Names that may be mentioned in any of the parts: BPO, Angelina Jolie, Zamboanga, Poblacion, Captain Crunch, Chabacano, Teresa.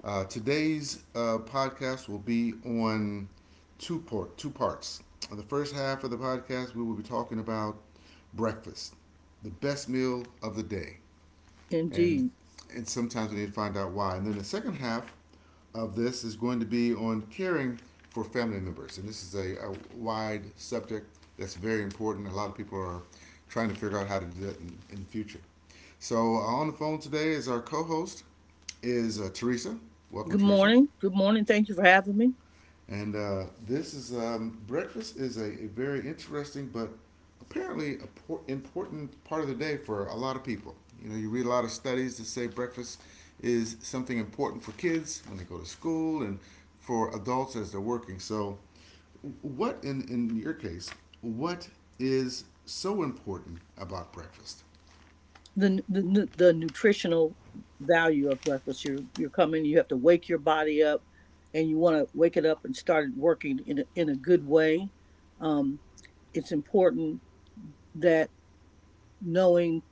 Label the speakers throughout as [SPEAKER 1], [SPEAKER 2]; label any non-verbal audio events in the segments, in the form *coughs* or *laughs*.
[SPEAKER 1] Today's podcast will be on two parts. The first half of the podcast, we will be talking about breakfast, the best meal of the day, and
[SPEAKER 2] Indeed.
[SPEAKER 1] and sometimes we need to find out why. And then the second half of this is going to be on caring for family members, and this is a wide subject that's very important. A lot of people are trying to figure out how to do that in the future. So on the phone today is our co-host is Teresa. Welcome,
[SPEAKER 2] Good
[SPEAKER 1] Teresa.
[SPEAKER 2] morning. Good morning. Thank you for having me.
[SPEAKER 1] And this is breakfast is a very interesting but apparently a important part of the day for a lot of people. You know, you read a lot of studies that say breakfast is something important for kids when they go to school and for adults as they're working. So, what in your case, what is so important about breakfast?
[SPEAKER 2] The nutritional value of breakfast. You're coming. You have to wake your body up, and you want to wake it up and start it working in a good way. Um, it's important that knowing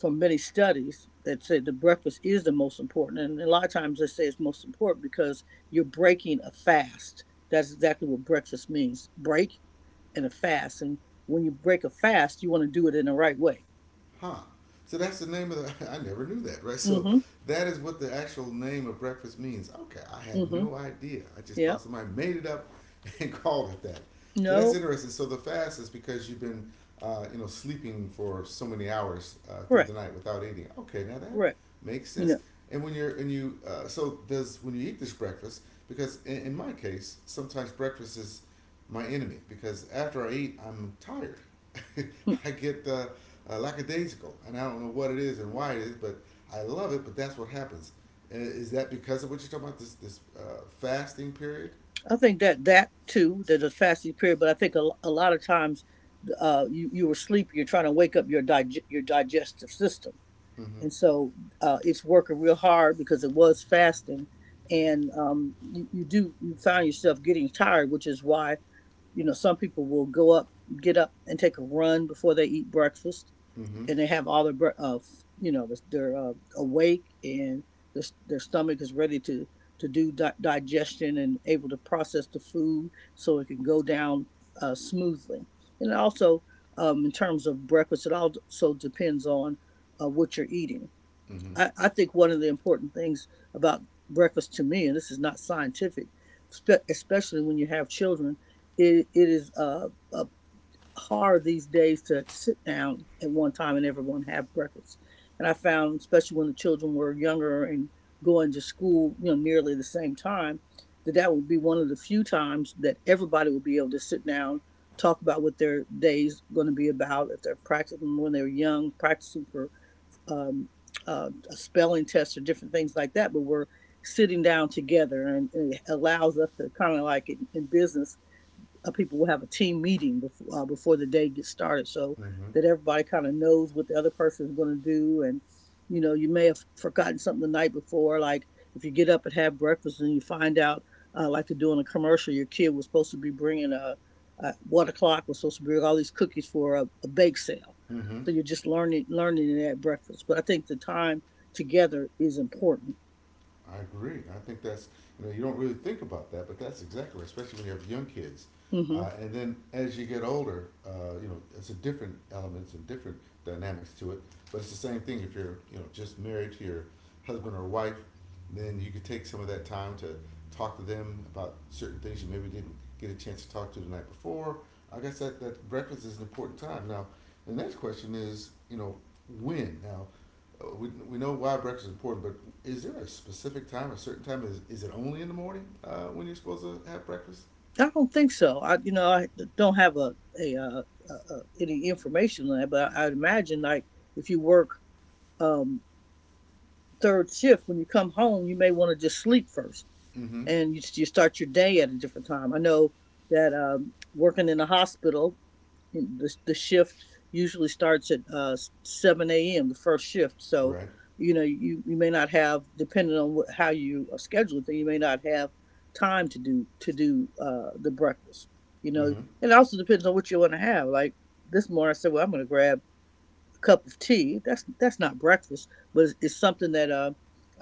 [SPEAKER 2] from many studies that say the breakfast is the most important, and a lot of times they say it's most important because you're breaking a fast. That's exactly what breakfast means. Break in a fast. And when you break a fast, you want to do it in the right way.
[SPEAKER 1] Huh. So that's the name of the. *laughs* I never knew that, right? So
[SPEAKER 2] Mm-hmm.
[SPEAKER 1] that is what the actual name of breakfast means. Okay, I had
[SPEAKER 2] Mm-hmm.
[SPEAKER 1] no idea. I just
[SPEAKER 2] Yeah.
[SPEAKER 1] thought somebody made it up and *laughs* called it that. So that's
[SPEAKER 2] No.
[SPEAKER 1] interesting. So the fast is because you've been, you know, sleeping for so many hours through the
[SPEAKER 2] Correct.
[SPEAKER 1] night without eating. Okay, now that
[SPEAKER 2] Correct.
[SPEAKER 1] makes
[SPEAKER 2] You know,
[SPEAKER 1] sense. And when you're and you, so does when you eat this breakfast because in my case sometimes breakfast is my enemy because after I eat, I'm tired.
[SPEAKER 2] mm.
[SPEAKER 1] *laughs* I get lackadaisical, and I don't know what it is and why it is, but I love it. But that's what happens. Is that because of what you're talking about? This fasting period.
[SPEAKER 2] I think that that too, that a fasting period. But I think a lot of times, you were sleepy. You're trying to wake up your your digestive system,
[SPEAKER 1] Mm-hmm.
[SPEAKER 2] and so it's working real hard because it was fasting, and you do you find yourself getting tired, which is why you know some people will get up, and take a run before they eat breakfast
[SPEAKER 1] Mm-hmm.
[SPEAKER 2] and they have all their you know they're awake and their stomach is ready to do digestion and able to process the food so it can go down smoothly and also in terms of breakfast it also so depends on what you're eating.
[SPEAKER 1] Mm-hmm.
[SPEAKER 2] I think one of the important things about breakfast to me, and this is not scientific, especially when you have children, it is hard these days to sit down at one time and everyone have breakfast. And I found, especially when the children were younger and going to school, you know, nearly the same time, that that would be one of the few times that everybody would be able to sit down, talk about what their day's going to be about. If they're practicing when they're young, practicing for um, a spelling test or different things like that, but we're sitting down together, and it allows us to kind of, like in business, people will have a team meeting before the day gets started, so
[SPEAKER 1] Mm-hmm.
[SPEAKER 2] that everybody kind of knows what the other person is going to do. And you know, you may have forgotten something the night before, like if you get up and have breakfast and you find out, like they do in a commercial, your kid was supposed to be bringing a 1 o'clock was supposed to bring all these cookies for a bake sale.
[SPEAKER 1] Mm-hmm.
[SPEAKER 2] So you're just learning it at breakfast. But I think the time together is important.
[SPEAKER 1] I agree. I think that's, you know, you don't really think about that, but that's exactly right, especially when you have young kids.
[SPEAKER 2] Hmm.
[SPEAKER 1] And then as you get older, you know it's a different elements and different dynamics to it. But it's the same thing if you're, you know, just married to your husband or wife, then you could take some of that time to talk to them about certain things you maybe didn't get a chance to talk to the night before. I guess that breakfast is an important time. Now, the next question is, you know, when? Now, we know why breakfast is important, but is there a specific time, a certain time? Is it only in the morning when you're supposed to have breakfast?
[SPEAKER 2] I don't think so. You know, I don't have a, uh, any information on that, but I'd imagine, like, if you work um, third shift, when you come home, you may want to just sleep first
[SPEAKER 1] Mm-hmm.
[SPEAKER 2] and you start your day at a different time. I know that working in a hospital, the shift usually starts at 7 a.m., the first shift. So,
[SPEAKER 1] Right.
[SPEAKER 2] you know, you may not have, depending on what, how you are scheduled, then you may not have time to do the breakfast. You know,
[SPEAKER 1] Mm-hmm.
[SPEAKER 2] it also depends on what you want to have. Like this morning, I said, well, I'm going to grab a cup of tea. That's not breakfast, but it's something that uh,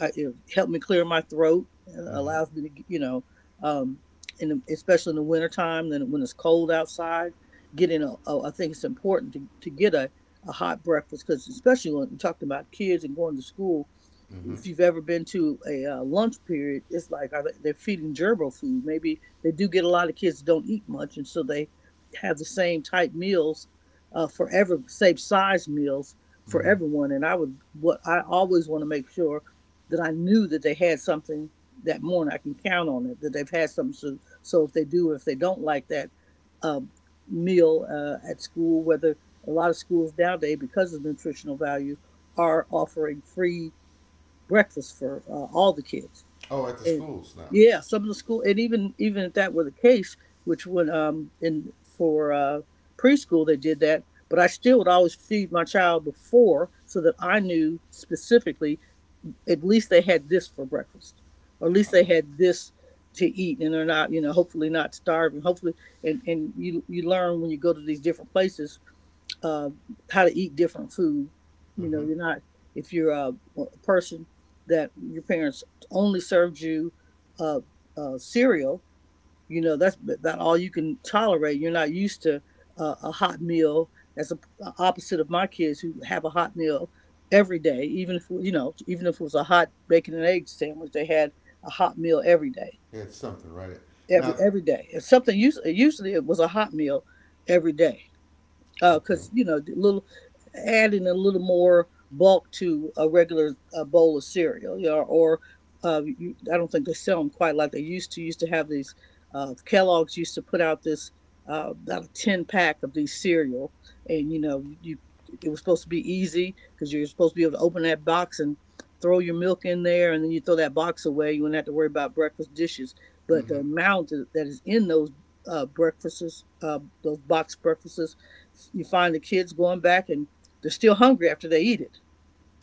[SPEAKER 2] I, it helped me clear my throat. It
[SPEAKER 1] Mm-hmm.
[SPEAKER 2] allows me to, you know, um, in the, especially in the wintertime, then when it's cold outside, getting a I think it's important to get a hot breakfast, because especially when you're talking about kids and going to school,
[SPEAKER 1] Mm-hmm.
[SPEAKER 2] if you've ever been to a lunch period, it's like, are they, they're feeding gerbil food. Maybe they do get a lot of kids that don't eat much, and so they have the same type meals for every same size meals for
[SPEAKER 1] Mm-hmm.
[SPEAKER 2] everyone. And I would, what I always want to make sure that I knew that they had something that morning. I can count on it that they've had something. So, so if they do or if they don't like that um, meal at school, whether a lot of schools nowadays, because of nutritional value, are offering free breakfast for all the kids.
[SPEAKER 1] Oh, at the
[SPEAKER 2] And
[SPEAKER 1] schools now.
[SPEAKER 2] yeah, some of the school, and even even if that were the case, which would in for preschool, they did that, but I still would always feed my child before, so that I knew specifically at least they had this for breakfast, or at least they
[SPEAKER 1] Oh.
[SPEAKER 2] had this to eat, and they're not, you know, hopefully not starving. Hopefully, and you learn when you go to these different places uh, how to eat different food. You know,
[SPEAKER 1] Mm-hmm.
[SPEAKER 2] you're not, if you're a person that your parents only served you uh, cereal. You know, that's about all you can tolerate. You're not used to a hot meal as a opposite of my kids who have a hot meal every day. Even if, you know, even if it was a hot bacon and egg sandwich, they had a hot meal every day.
[SPEAKER 1] Yeah, it's something, right? Now,
[SPEAKER 2] Every day, it's something, usually it was a hot meal every day,
[SPEAKER 1] okay.
[SPEAKER 2] because you know the little, adding a little more bulk to a regular bowl of cereal, you know, or I don't think they sell them quite like they used to have these kellogg's used to put out this about a 10 pack of these cereal, and you know you it was supposed to be easy, because you're supposed to be able to open that box and throw your milk in there, and then you throw that box away, you wouldn't have to worry about breakfast dishes. But the
[SPEAKER 1] Mm-hmm.
[SPEAKER 2] amount that is in those breakfasts, those box breakfasts, you find the kids going back, and they're still hungry after they eat it.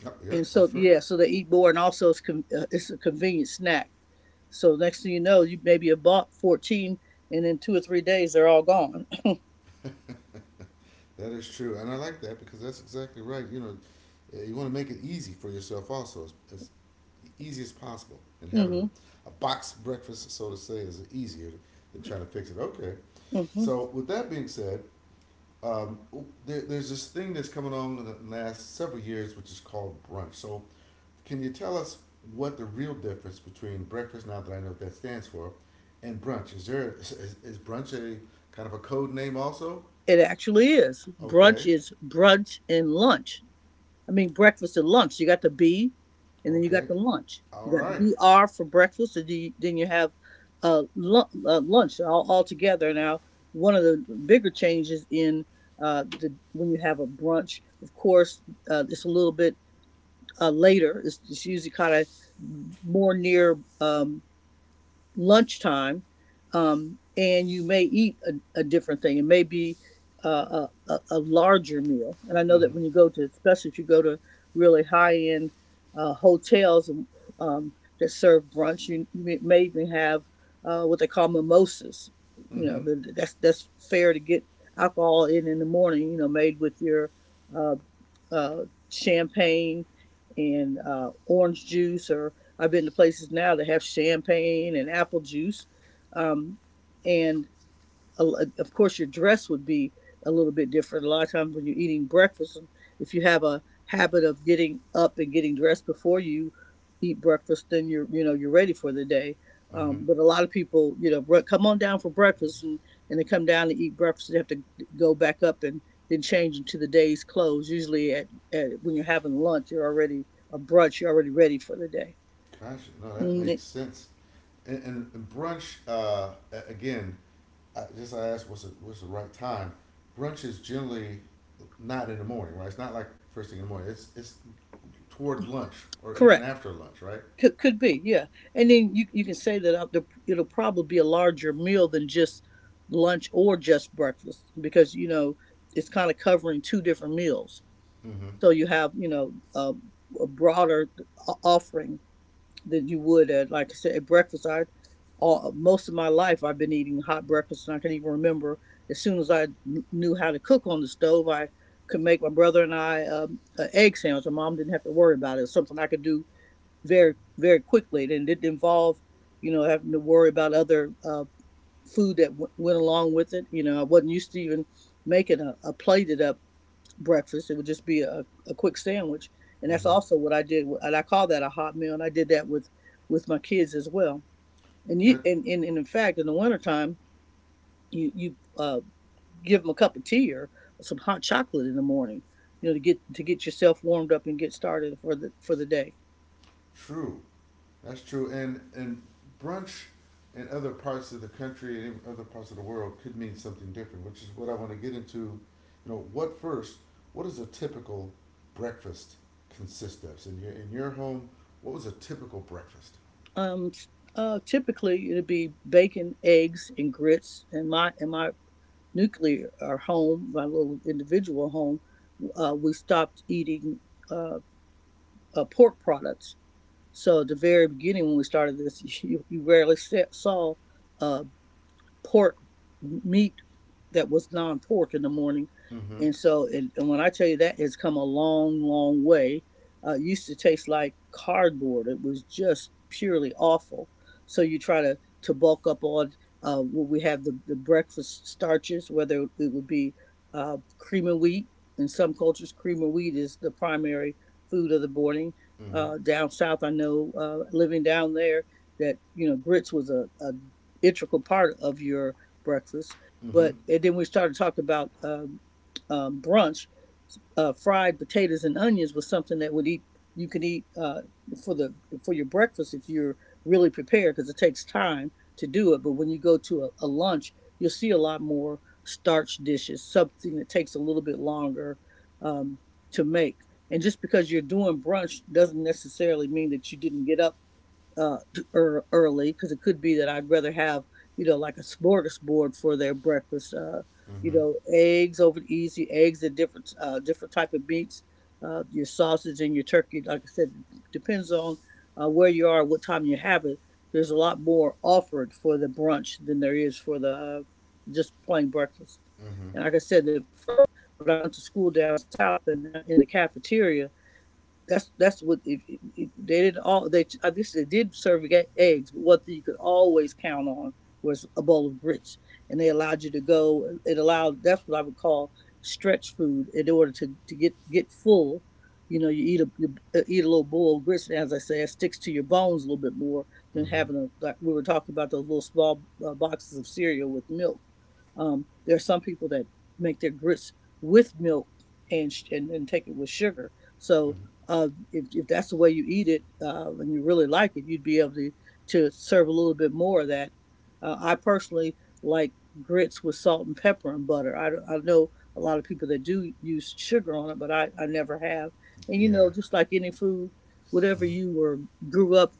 [SPEAKER 1] Oh,
[SPEAKER 2] And
[SPEAKER 1] yep,
[SPEAKER 2] so,
[SPEAKER 1] that's right.
[SPEAKER 2] yeah, so they eat more, and also it's it's a convenient snack. So next thing you know, you maybe have bought 14, and in 2 or 3 days they're all gone. *clears throat*
[SPEAKER 1] That is true, and I like that because that's exactly right. You know, you want to make it easy for yourself, also as easy as possible. And having
[SPEAKER 2] Hmm.
[SPEAKER 1] a box breakfast, so to say, is easier than trying to fix it. Okay,
[SPEAKER 2] Hmm.
[SPEAKER 1] so, with that being said, um, there's this thing that's coming on in the last several years, which is called brunch. So, can you tell us what the real difference between breakfast, now that I know what that stands for, and brunch? Is brunch a kind of a code name also?
[SPEAKER 2] It actually is, brunch
[SPEAKER 1] Okay,
[SPEAKER 2] is brunch and lunch I mean, breakfast and lunch. You got the B, and then you got
[SPEAKER 1] okay,
[SPEAKER 2] the lunch.
[SPEAKER 1] all
[SPEAKER 2] You got the
[SPEAKER 1] right.
[SPEAKER 2] BR for breakfast, and you, then you have lunch all together. Now, one of the bigger changes in when you have a brunch, of course, it's a little bit later. It's usually kind of more near lunchtime, and you may eat a different thing. It may be larger meal. And I know that
[SPEAKER 1] Mm-hmm.
[SPEAKER 2] when you go to, especially if you go to really high end hotels, um, that serve brunch, you may even have what they call mimosas. You know,
[SPEAKER 1] Mm-hmm.
[SPEAKER 2] that's fair to get alcohol in the morning. You know, made with your uh, uh, champagne and orange juice, or I've been to places now that have champagne and apple juice. Um, and of course your dress would be a little bit different. A lot of times when you're eating breakfast, if you have a habit of getting up and getting dressed before you eat breakfast, then you're, you know, you're ready for the day.
[SPEAKER 1] Mm-hmm.
[SPEAKER 2] But a lot of people, you know, come on down for breakfast, and they come down and eat breakfast, they have to go back up and then change into the day's clothes. Usually at when you're having lunch, you're already a brunch, you're already ready for the day.
[SPEAKER 1] Gosh, no, that
[SPEAKER 2] Mm,
[SPEAKER 1] makes sense. And brunch, again, I just asked what's the right time. Brunch is generally not in the morning, right? It's not like first thing in the morning. It's toward lunch or even
[SPEAKER 2] correct.
[SPEAKER 1] after lunch, right?
[SPEAKER 2] Could be, yeah. And then you can say that it'll probably be a larger meal than just lunch or just breakfast, because you know it's kind of covering two different meals.
[SPEAKER 1] Mm-hmm.
[SPEAKER 2] So you have, you know, a broader offering than you would at, like I said, at breakfast. Most of my life I've been eating hot breakfast, and I can even remember, as soon as I knew how to cook on the stove, I could make my brother and I an egg sandwich. My mom didn't have to worry about it. It was something I could do very very quickly. It didn't involve, you know, having to worry about other food that went along with it. You know, I wasn't used to even making a plated up breakfast. It would just be a quick sandwich, and that's
[SPEAKER 1] Mm-hmm.
[SPEAKER 2] also what I did. And I call that a hot meal, and I did that with my kids as well. And you
[SPEAKER 1] That's
[SPEAKER 2] and in fact, in the wintertime, you give them a cup of tea or some hot chocolate in the morning. You know, to get yourself warmed up and get started for the day.
[SPEAKER 1] true. That's true. And brunch in other parts of the country and in other parts of the world could mean something different, which is what I want to get into. You know, what first? What does a typical breakfast consist of? So in your home, what was a typical breakfast?
[SPEAKER 2] Um, Typically it'd be bacon, eggs, and grits. And my nuclear our home, my little individual home, we stopped eating uh, pork products. So at the very beginning when we started this, *laughs* you rarely saw uh, pork meat that was non pork in the morning.
[SPEAKER 1] Mm-hmm.
[SPEAKER 2] And when I tell you that, it's come a long, long way. It used to taste like cardboard. It was just purely awful. So you try to bulk up on what we have, the breakfast starches, whether it would be cream and wheat. In some cultures, cream and wheat is the primary food of the morning.
[SPEAKER 1] Mm-hmm.
[SPEAKER 2] Down south, I know, living down there, that, you know, grits was a integral part of your breakfast.
[SPEAKER 1] Mm-hmm.
[SPEAKER 2] But and then we started talking about brunch. Fried potatoes and onions was something that would eat, you could eat, for the, for your breakfast if you're really prepared, because it takes time to do it. But when you go to a lunch, you'll see a lot more starch dishes, something that takes a little bit longer um, to make. And just because you're doing brunch doesn't necessarily mean that you didn't get up uh t- early, because it could be that I'd rather have, you know, like a smorgasbord for their breakfast. You
[SPEAKER 1] Mm-hmm.
[SPEAKER 2] know, eggs over easy, eggs and different different type of meats. Your sausage and your turkey, like I said, depends on where you are, what time you have it. There's a lot more offered for the brunch than there is for the just plain breakfast.
[SPEAKER 1] Mm-hmm.
[SPEAKER 2] And like I said, that for when I went to school down south, and in the cafeteria, that's what, if they didn't, all they I guess they did serve eggs, but one thing you could always count on was a bowl of grits, and they allowed you to go. It allowed That's what I would call stretch food in order to get full. You know, you eat a, you, eat a little bowl of grits, and as I say, it sticks to your bones a little bit more than
[SPEAKER 1] Mm-hmm.
[SPEAKER 2] having a, like we were talking about, those little small boxes of cereal with milk. There are some people that make their grits with milk and take it with sugar. So,
[SPEAKER 1] Hmm.
[SPEAKER 2] if that's the way you eat it, and you really like it, you'd be able to serve a little bit more of that. I personally like grits with salt and pepper and butter. I know a lot of people that do use sugar on it, but I never have. And, you
[SPEAKER 1] Yeah.
[SPEAKER 2] know, just like any food, whatever
[SPEAKER 1] Mm-hmm.
[SPEAKER 2] you were grew up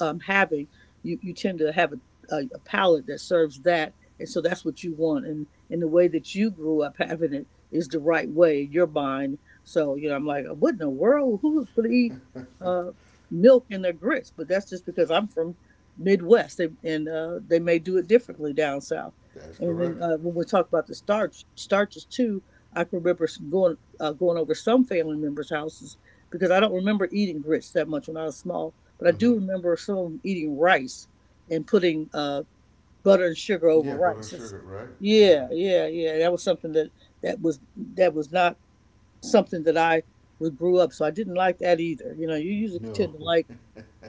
[SPEAKER 2] having, you tend to have a palate that serves that. And so that's what you want. And the way that you grew up having it is the right way in your mind. So, you know, I'm like, what in the world? Who would eat uh, milk in their grits? But that's just because I'm from Midwest, they, and they may do it differently down south.
[SPEAKER 1] That's
[SPEAKER 2] And then
[SPEAKER 1] correct.
[SPEAKER 2] when we talk about the starches too, I can remember going, going over some family members' houses, because I don't remember eating grits that much when I was small, but I
[SPEAKER 1] Mm-hmm.
[SPEAKER 2] do remember some of them eating rice and putting butter and sugar over
[SPEAKER 1] Yeah, butter and
[SPEAKER 2] rice. It's,
[SPEAKER 1] sugar, right? Yeah.
[SPEAKER 2] yeah, yeah, yeah. That was something that that was that was not something that I would grew up. So I didn't like that either. You know, you usually tend
[SPEAKER 1] No.
[SPEAKER 2] to like
[SPEAKER 1] *laughs*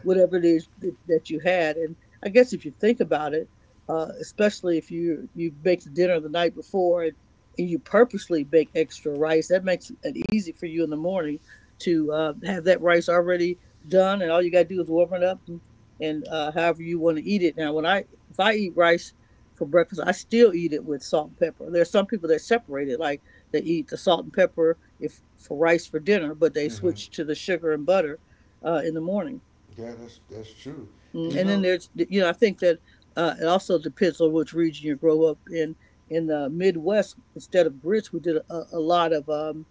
[SPEAKER 2] whatever it is that you had. And I guess if you think about it, especially if you make the dinner the night before, and you purposely bake extra rice, that makes it easy for you in the morning to, have that rice already done, and all you gotta do is warm it up and, however you want to eat it. Now, when I, if I eat rice for breakfast, I still eat it with salt and pepper. There are some people that separate it, like they eat the salt and pepper, if for rice for dinner, but they
[SPEAKER 1] Mm-hmm.
[SPEAKER 2] switch to the sugar and butter in the morning.
[SPEAKER 1] Yeah, that's true. And you
[SPEAKER 2] And then
[SPEAKER 1] know.
[SPEAKER 2] there's, you know, I think that it also depends on which region you grow up in. In the Midwest, instead of grits, we did a lot of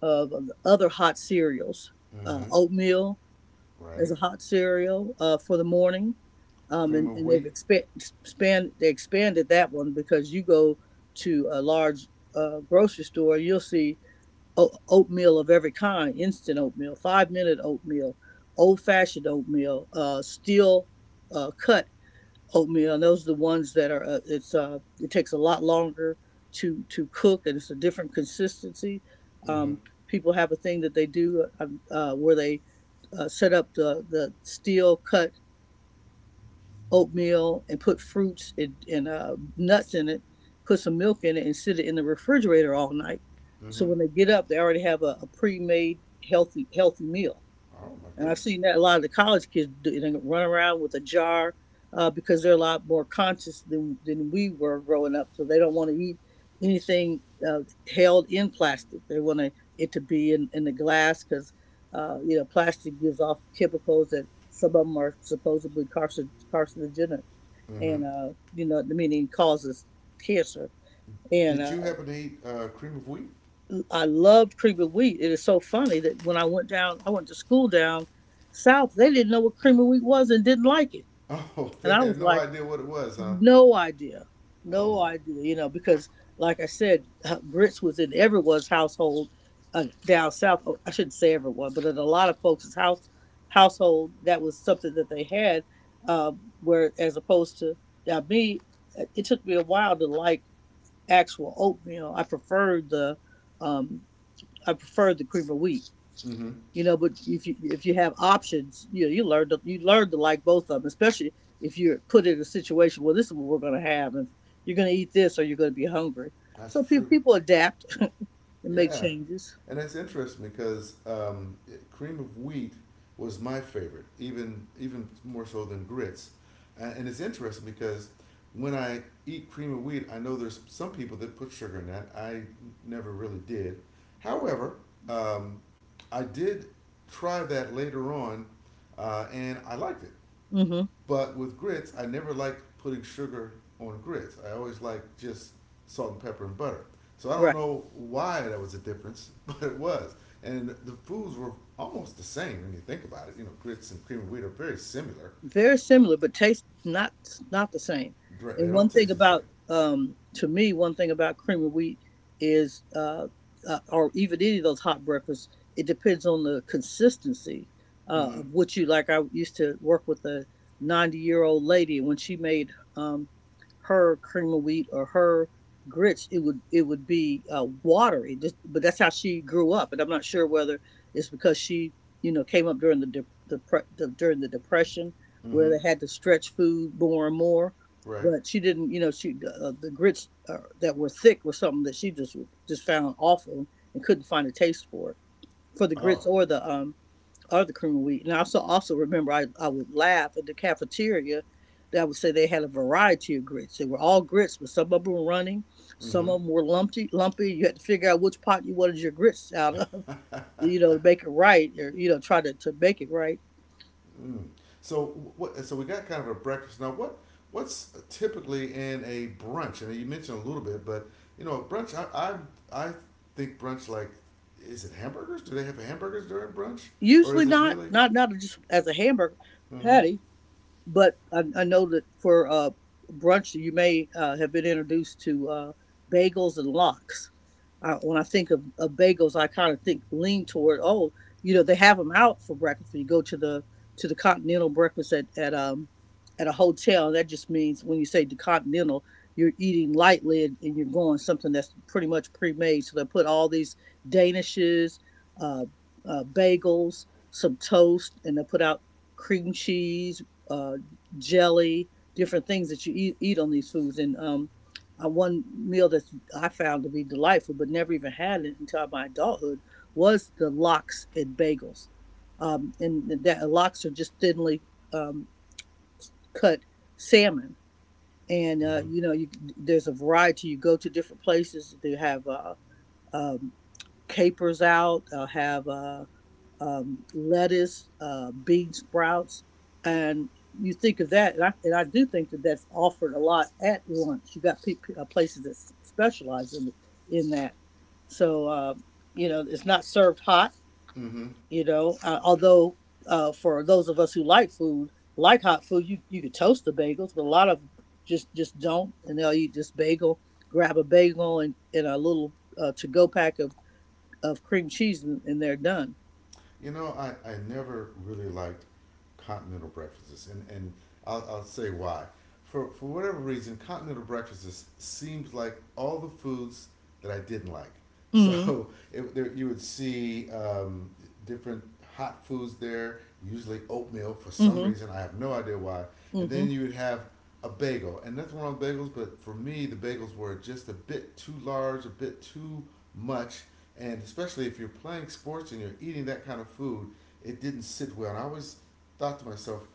[SPEAKER 2] of other hot cereals.
[SPEAKER 1] Mm-hmm.
[SPEAKER 2] Oatmeal as
[SPEAKER 1] Right.
[SPEAKER 2] a hot cereal, for the morning,
[SPEAKER 1] Cream of
[SPEAKER 2] and they've
[SPEAKER 1] wheat.
[SPEAKER 2] expanded that one, because you go to a large grocery store, you'll see oatmeal of every kind: instant oatmeal, 5 minute oatmeal, old fashioned oatmeal, steel cut oatmeal, and those are the ones that are, it takes a lot longer to cook, and it's a different consistency.
[SPEAKER 1] Mm-hmm.
[SPEAKER 2] um People have a thing that they do, where they set up the steel cut oatmeal and put fruits and, nuts in it, put some milk in it, and sit it in the refrigerator all night, so
[SPEAKER 1] Mm-hmm.
[SPEAKER 2] when they get up they already have a pre-made, healthy, healthy meal.
[SPEAKER 1] Oh my
[SPEAKER 2] And I've
[SPEAKER 1] goodness.
[SPEAKER 2] seen that a lot of the college kids do, you run around with a jar, because they're a lot more conscious than we were growing up. So they don't want to eat anything uh, held in plastic. They want to, it to be in the glass, because, you know, plastic gives off chemicals that some of them are supposedly carcinogenic,
[SPEAKER 1] Mm-hmm.
[SPEAKER 2] and, you know, meaning causes cancer. And
[SPEAKER 1] Did you happen to eat cream of wheat?
[SPEAKER 2] I loved cream of wheat. It is so funny that when I went down, I went to school down south, they didn't know what cream of wheat was and didn't like it.
[SPEAKER 1] Oh, *laughs*
[SPEAKER 2] And
[SPEAKER 1] they
[SPEAKER 2] I
[SPEAKER 1] had
[SPEAKER 2] was
[SPEAKER 1] no
[SPEAKER 2] like,
[SPEAKER 1] idea what it was, huh?
[SPEAKER 2] no idea.
[SPEAKER 1] Oh
[SPEAKER 2] No
[SPEAKER 1] my.
[SPEAKER 2] idea, you know, because like I said, grits was in everyone's household down south. Oh, I shouldn't say everyone, but in a lot of folks' household, that was something that they had. Where as opposed to now me, it took me a while to like actual oatmeal. I preferred the um, cream of wheat.
[SPEAKER 1] Mm-hmm.
[SPEAKER 2] You know, but if you have options, you know, you learn to, like both of them, especially if you're put in a situation where this is what we're going to have, and you're going to eat this, or you're going to be hungry.
[SPEAKER 1] That's
[SPEAKER 2] So
[SPEAKER 1] true.
[SPEAKER 2] people adapt *laughs* and make
[SPEAKER 1] Yeah,
[SPEAKER 2] changes.
[SPEAKER 1] and that's interesting because cream of wheat was my favorite, even even more so than grits. And it's interesting because when I eat cream of wheat, I know there's some people that put sugar in that. I never really did. However, um, I did try that later on, and I liked it.
[SPEAKER 2] Hmm.
[SPEAKER 1] But with grits, I never liked putting sugar on grits. I always liked just salt and pepper and butter. So I don't
[SPEAKER 2] Right.
[SPEAKER 1] know why that was a difference, *laughs* but it was. And the foods were almost the same when you think about it. You know, grits and cream of wheat are very similar.
[SPEAKER 2] Very
[SPEAKER 1] Uh,
[SPEAKER 2] similar, but taste not, not the same.
[SPEAKER 1] They
[SPEAKER 2] And
[SPEAKER 1] don't
[SPEAKER 2] one thing
[SPEAKER 1] taste the same.
[SPEAKER 2] about, to me, one thing about cream of wheat is, or even any of those hot breakfasts, it depends on the consistency
[SPEAKER 1] Mm-hmm.
[SPEAKER 2] of what you like. I used to work with a 90 year old lady, and when she made, um, her cream of wheat or her grits, it would be, watery just, but that's how she grew up, and I'm not sure whether it's because she, you know, came up during the, during the depression, where
[SPEAKER 1] Mm-hmm.
[SPEAKER 2] they had to stretch food more and more.
[SPEAKER 1] Right.
[SPEAKER 2] But she didn't, you know, she, the grits, that were thick were something that she just found awful, and couldn't find a taste for it, for the
[SPEAKER 1] Oh.
[SPEAKER 2] grits or the other cream of wheat. And I also remember, I would laugh at the cafeteria, that I would say they had a variety of grits. They were all grits, but some of them were running, some
[SPEAKER 1] Mm-hmm.
[SPEAKER 2] of them were lumpy, lumpy. You had to figure out which pot you wanted your grits *laughs* out of, you know, to make it right, or, you know, try to make it right.
[SPEAKER 1] Mm. So what? So we got kind of a breakfast now. What? What's typically in a brunch? And you mentioned a little bit, but you know, a brunch. I think brunch, like, is it hamburgers? Do they have hamburgers during brunch, or
[SPEAKER 2] Usually
[SPEAKER 1] is it
[SPEAKER 2] not,
[SPEAKER 1] really?
[SPEAKER 2] just as a hamburger
[SPEAKER 1] Mm-hmm.
[SPEAKER 2] patty. But I know that for, brunch, you may, have been introduced to, bagels and lox. When I think of bagels, I kind of think lean toward, oh, you know, they have them out for breakfast. You go to the, to the continental breakfast at, at a hotel. That just means when you say the continental, you're eating lightly, and you're going something that's pretty much pre-made. So they put all these danishes, uh, bagels, some toast, and they put out cream cheese, uh, jelly, different things that you eat on these foods. And One meal that I found to be delightful, but never even had it until my adulthood, was the lox and bagels. And that lox are just thinly um, cut salmon. And
[SPEAKER 1] Mm-hmm.
[SPEAKER 2] there's a variety. You go to different places. They have um, capers out. They'll have lettuce, bean sprouts, and you think of that, and I do think that that's offered a lot at lunch. You got places that specialize in that, so you know it's not served hot.
[SPEAKER 1] Mm-hmm.
[SPEAKER 2] You know, although for those of us who like food, like hot food, you could toast the bagels, but a lot of just don't, and they'll eat just bagel, grab a bagel and a little to go pack of cream cheese, and they're done.
[SPEAKER 1] You know, I never really liked continental breakfasts, and I'll say why. For whatever reason, continental breakfasts seems like all the foods that I didn't like. *laughs*
[SPEAKER 2] Mm-hmm.
[SPEAKER 1] So it, there, you would see different hot foods there, usually oatmeal for some
[SPEAKER 2] Mm-hmm.
[SPEAKER 1] reason. I have no idea why. And
[SPEAKER 2] Mm-hmm.
[SPEAKER 1] then you would have a bagel, and nothing wrong with bagels, but for me, the bagels were just a bit too large, a bit too much, and especially if you're playing sports and you're eating that kind of food, it didn't sit well. And I always thought to myself,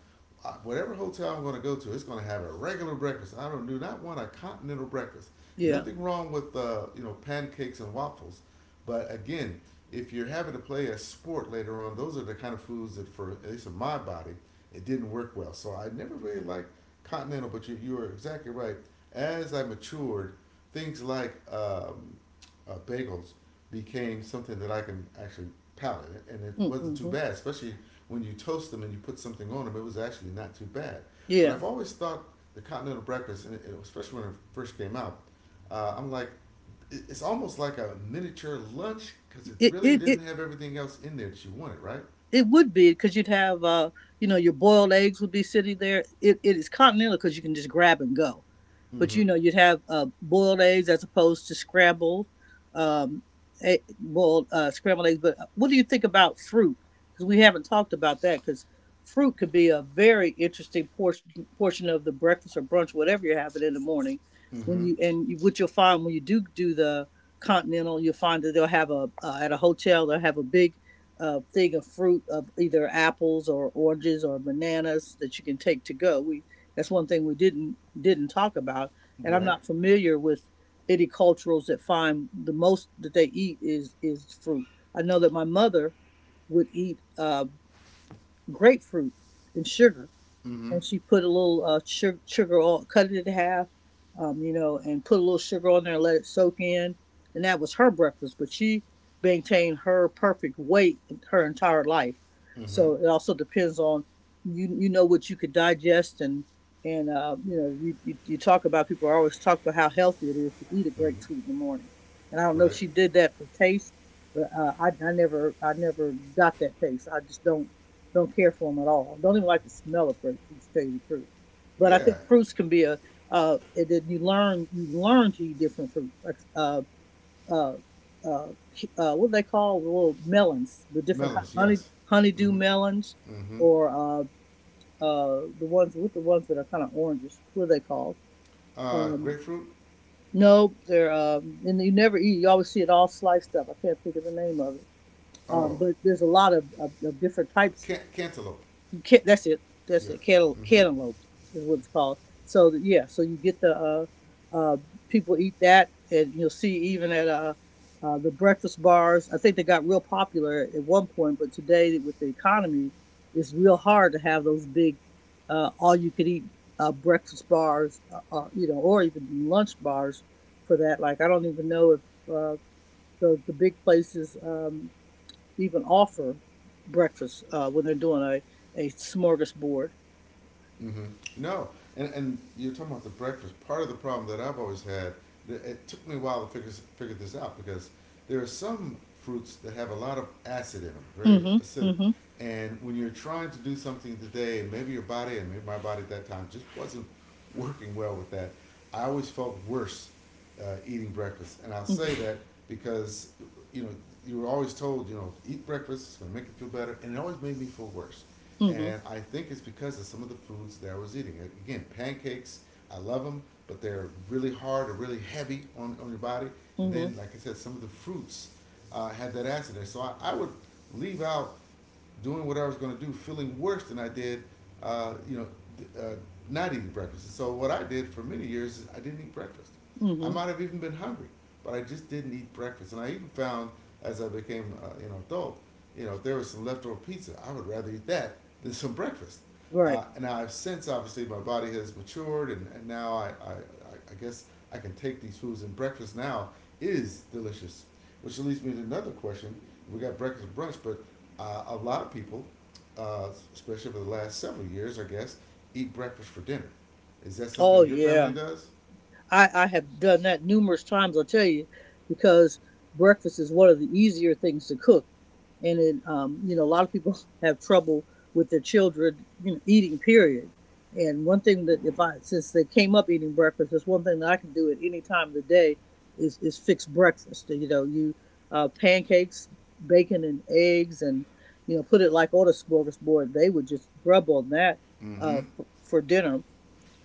[SPEAKER 1] Whatever hotel I'm going to go to, it's going to have a regular breakfast. I don't do not want a continental breakfast.
[SPEAKER 2] Yeah.
[SPEAKER 1] Nothing wrong with you know pancakes and waffles, but again, if you're having to play a sport later on, those are the kind of foods that for at least in my body, it didn't work well. So I never really liked continental. But you are exactly right. As I matured, things like bagels became something that I can actually palate, and it wasn't too
[SPEAKER 2] Mm-hmm.
[SPEAKER 1] bad, especially when you toast them and you put something on them, it was actually not too bad. But
[SPEAKER 2] Yeah.
[SPEAKER 1] I've always thought the continental breakfast, and it, especially when it first came out, I'm like, it's almost like a miniature lunch because it
[SPEAKER 2] It
[SPEAKER 1] really
[SPEAKER 2] it it
[SPEAKER 1] didn't have everything else in there that you wanted, right?
[SPEAKER 2] it would be because you'd have you know your boiled eggs would be sitting there. It is continental because you can just grab and go. But
[SPEAKER 1] Mm-hmm.
[SPEAKER 2] you know, you'd have boiled eggs as opposed to scrambled, um, egg, boiled scrambled eggs. But what do you think about fruit? Because we haven't talked about that. Because fruit could be a very interesting portion of the breakfast or brunch, whatever you're having in the morning.
[SPEAKER 1] Mm-hmm.
[SPEAKER 2] When you and you, what you'll find when you do the continental, you'll find that they'll have a at a hotel they'll have a big thing of fruit of either apples or oranges or bananas that you can take to go. We that's one thing we didn't talk about and I'm
[SPEAKER 1] Right.
[SPEAKER 2] not familiar with any cultures that find the most that they eat is fruit. I know that my mother would eat grapefruit and sugar,
[SPEAKER 1] Mm-hmm.
[SPEAKER 2] and she put a little sugar on, cut it in half, you know, and put a little sugar on there and let it soak in. And that was her breakfast, but she maintained her perfect weight her entire life.
[SPEAKER 1] Mm-hmm.
[SPEAKER 2] So it also depends on you. You know what you could digest, and you know you, you talk about people always talk about how healthy it is to eat a
[SPEAKER 1] Mm-hmm.
[SPEAKER 2] grapefruit in the morning. And I don't know if
[SPEAKER 1] Right.
[SPEAKER 2] she did that for taste, but I never got that taste. I just don't care for them at all. Don't even like the smell of grapefruit, to tell you the truth. But I
[SPEAKER 1] Yeah.
[SPEAKER 2] think fruits can be a, and then you learn to eat different fruits, like, uh, uh, what do they call the little melons, the different kind
[SPEAKER 1] Melons.
[SPEAKER 2] of honey,
[SPEAKER 1] Yes.
[SPEAKER 2] honeydew
[SPEAKER 1] Mm-hmm.
[SPEAKER 2] melons,
[SPEAKER 1] Mm-hmm.
[SPEAKER 2] or the ones with the ones that are kind of oranges. What are they called? Um,
[SPEAKER 1] Grapefruit.
[SPEAKER 2] no, they're and you never eat. You always see it all sliced up. I can't think of the name of it.
[SPEAKER 1] Oh,
[SPEAKER 2] But there's a lot of different types
[SPEAKER 1] cantaloupe.
[SPEAKER 2] that's it. That's
[SPEAKER 1] Yeah.
[SPEAKER 2] it.
[SPEAKER 1] Mm-hmm.
[SPEAKER 2] Cantaloupe is what it's called. So yeah, so you get the uh, people eat that, and you'll see even at the breakfast bars. I think they got real popular at one point, but today with the economy, it's real hard to have those big all-you-could-eat breakfast bars, you know, or even lunch bars for that. Like I don't even know if uh, the the big places. Even offer breakfast when they're doing a smorgasbord.
[SPEAKER 1] Hmm. No, and you're talking about the breakfast. Part of the problem that I've always had, it took me a while to figure this out because there are some fruits that have a lot of acid in them, very
[SPEAKER 2] Mm-hmm.
[SPEAKER 1] acidic.
[SPEAKER 2] Mm-hmm.
[SPEAKER 1] And when you're trying to do something today, and maybe your body and maybe my body at that time just wasn't working well with that, I always felt worse eating breakfast. And I'll
[SPEAKER 2] Mm-hmm.
[SPEAKER 1] say that because you know you were always told, you know, eat breakfast, it's gonna make you feel better, and it always made me feel worse,
[SPEAKER 2] Mm-hmm.
[SPEAKER 1] and I think it's because of some of the foods that I was eating. Again, pancakes, I love them, but they're really hard or really heavy on your body. And
[SPEAKER 2] Mm-hmm.
[SPEAKER 1] then, like I said, some of the fruits had that acid there. So I would leave out doing what I was going to do, feeling worse than I did, uh, you know, uh, not eating breakfast. So what I did for many years is I didn't eat breakfast. I
[SPEAKER 2] Mm-hmm.
[SPEAKER 1] might have even been hungry, but I just didn't eat breakfast. And I even found as I became you know adult, you know, if there was some leftover pizza, I would rather eat that than some breakfast.
[SPEAKER 2] Right.
[SPEAKER 1] And now I've since obviously my body has matured, and now I- guess I can take these foods, and breakfast now is delicious. Which leads me to another question. We got breakfast and brunch, but a lot of people, uh, especially for the last several years, I guess, eat breakfast for dinner. Is that
[SPEAKER 2] Oh,
[SPEAKER 1] something your family
[SPEAKER 2] yeah.
[SPEAKER 1] does?
[SPEAKER 2] I have done that numerous times, I'll tell you, because breakfast is one of the easier things to cook. And it, you know, a lot of people *laughs* have trouble with their children, you know, eating, period. And one thing that if I, since they came up eating breakfast, that's one thing that I can do at any time of the day is fix breakfast. You know, you, pancakes, bacon and eggs and, you know, put it like on a smorgasbord. They would just grub on that,
[SPEAKER 1] Mm-hmm.
[SPEAKER 2] for dinner,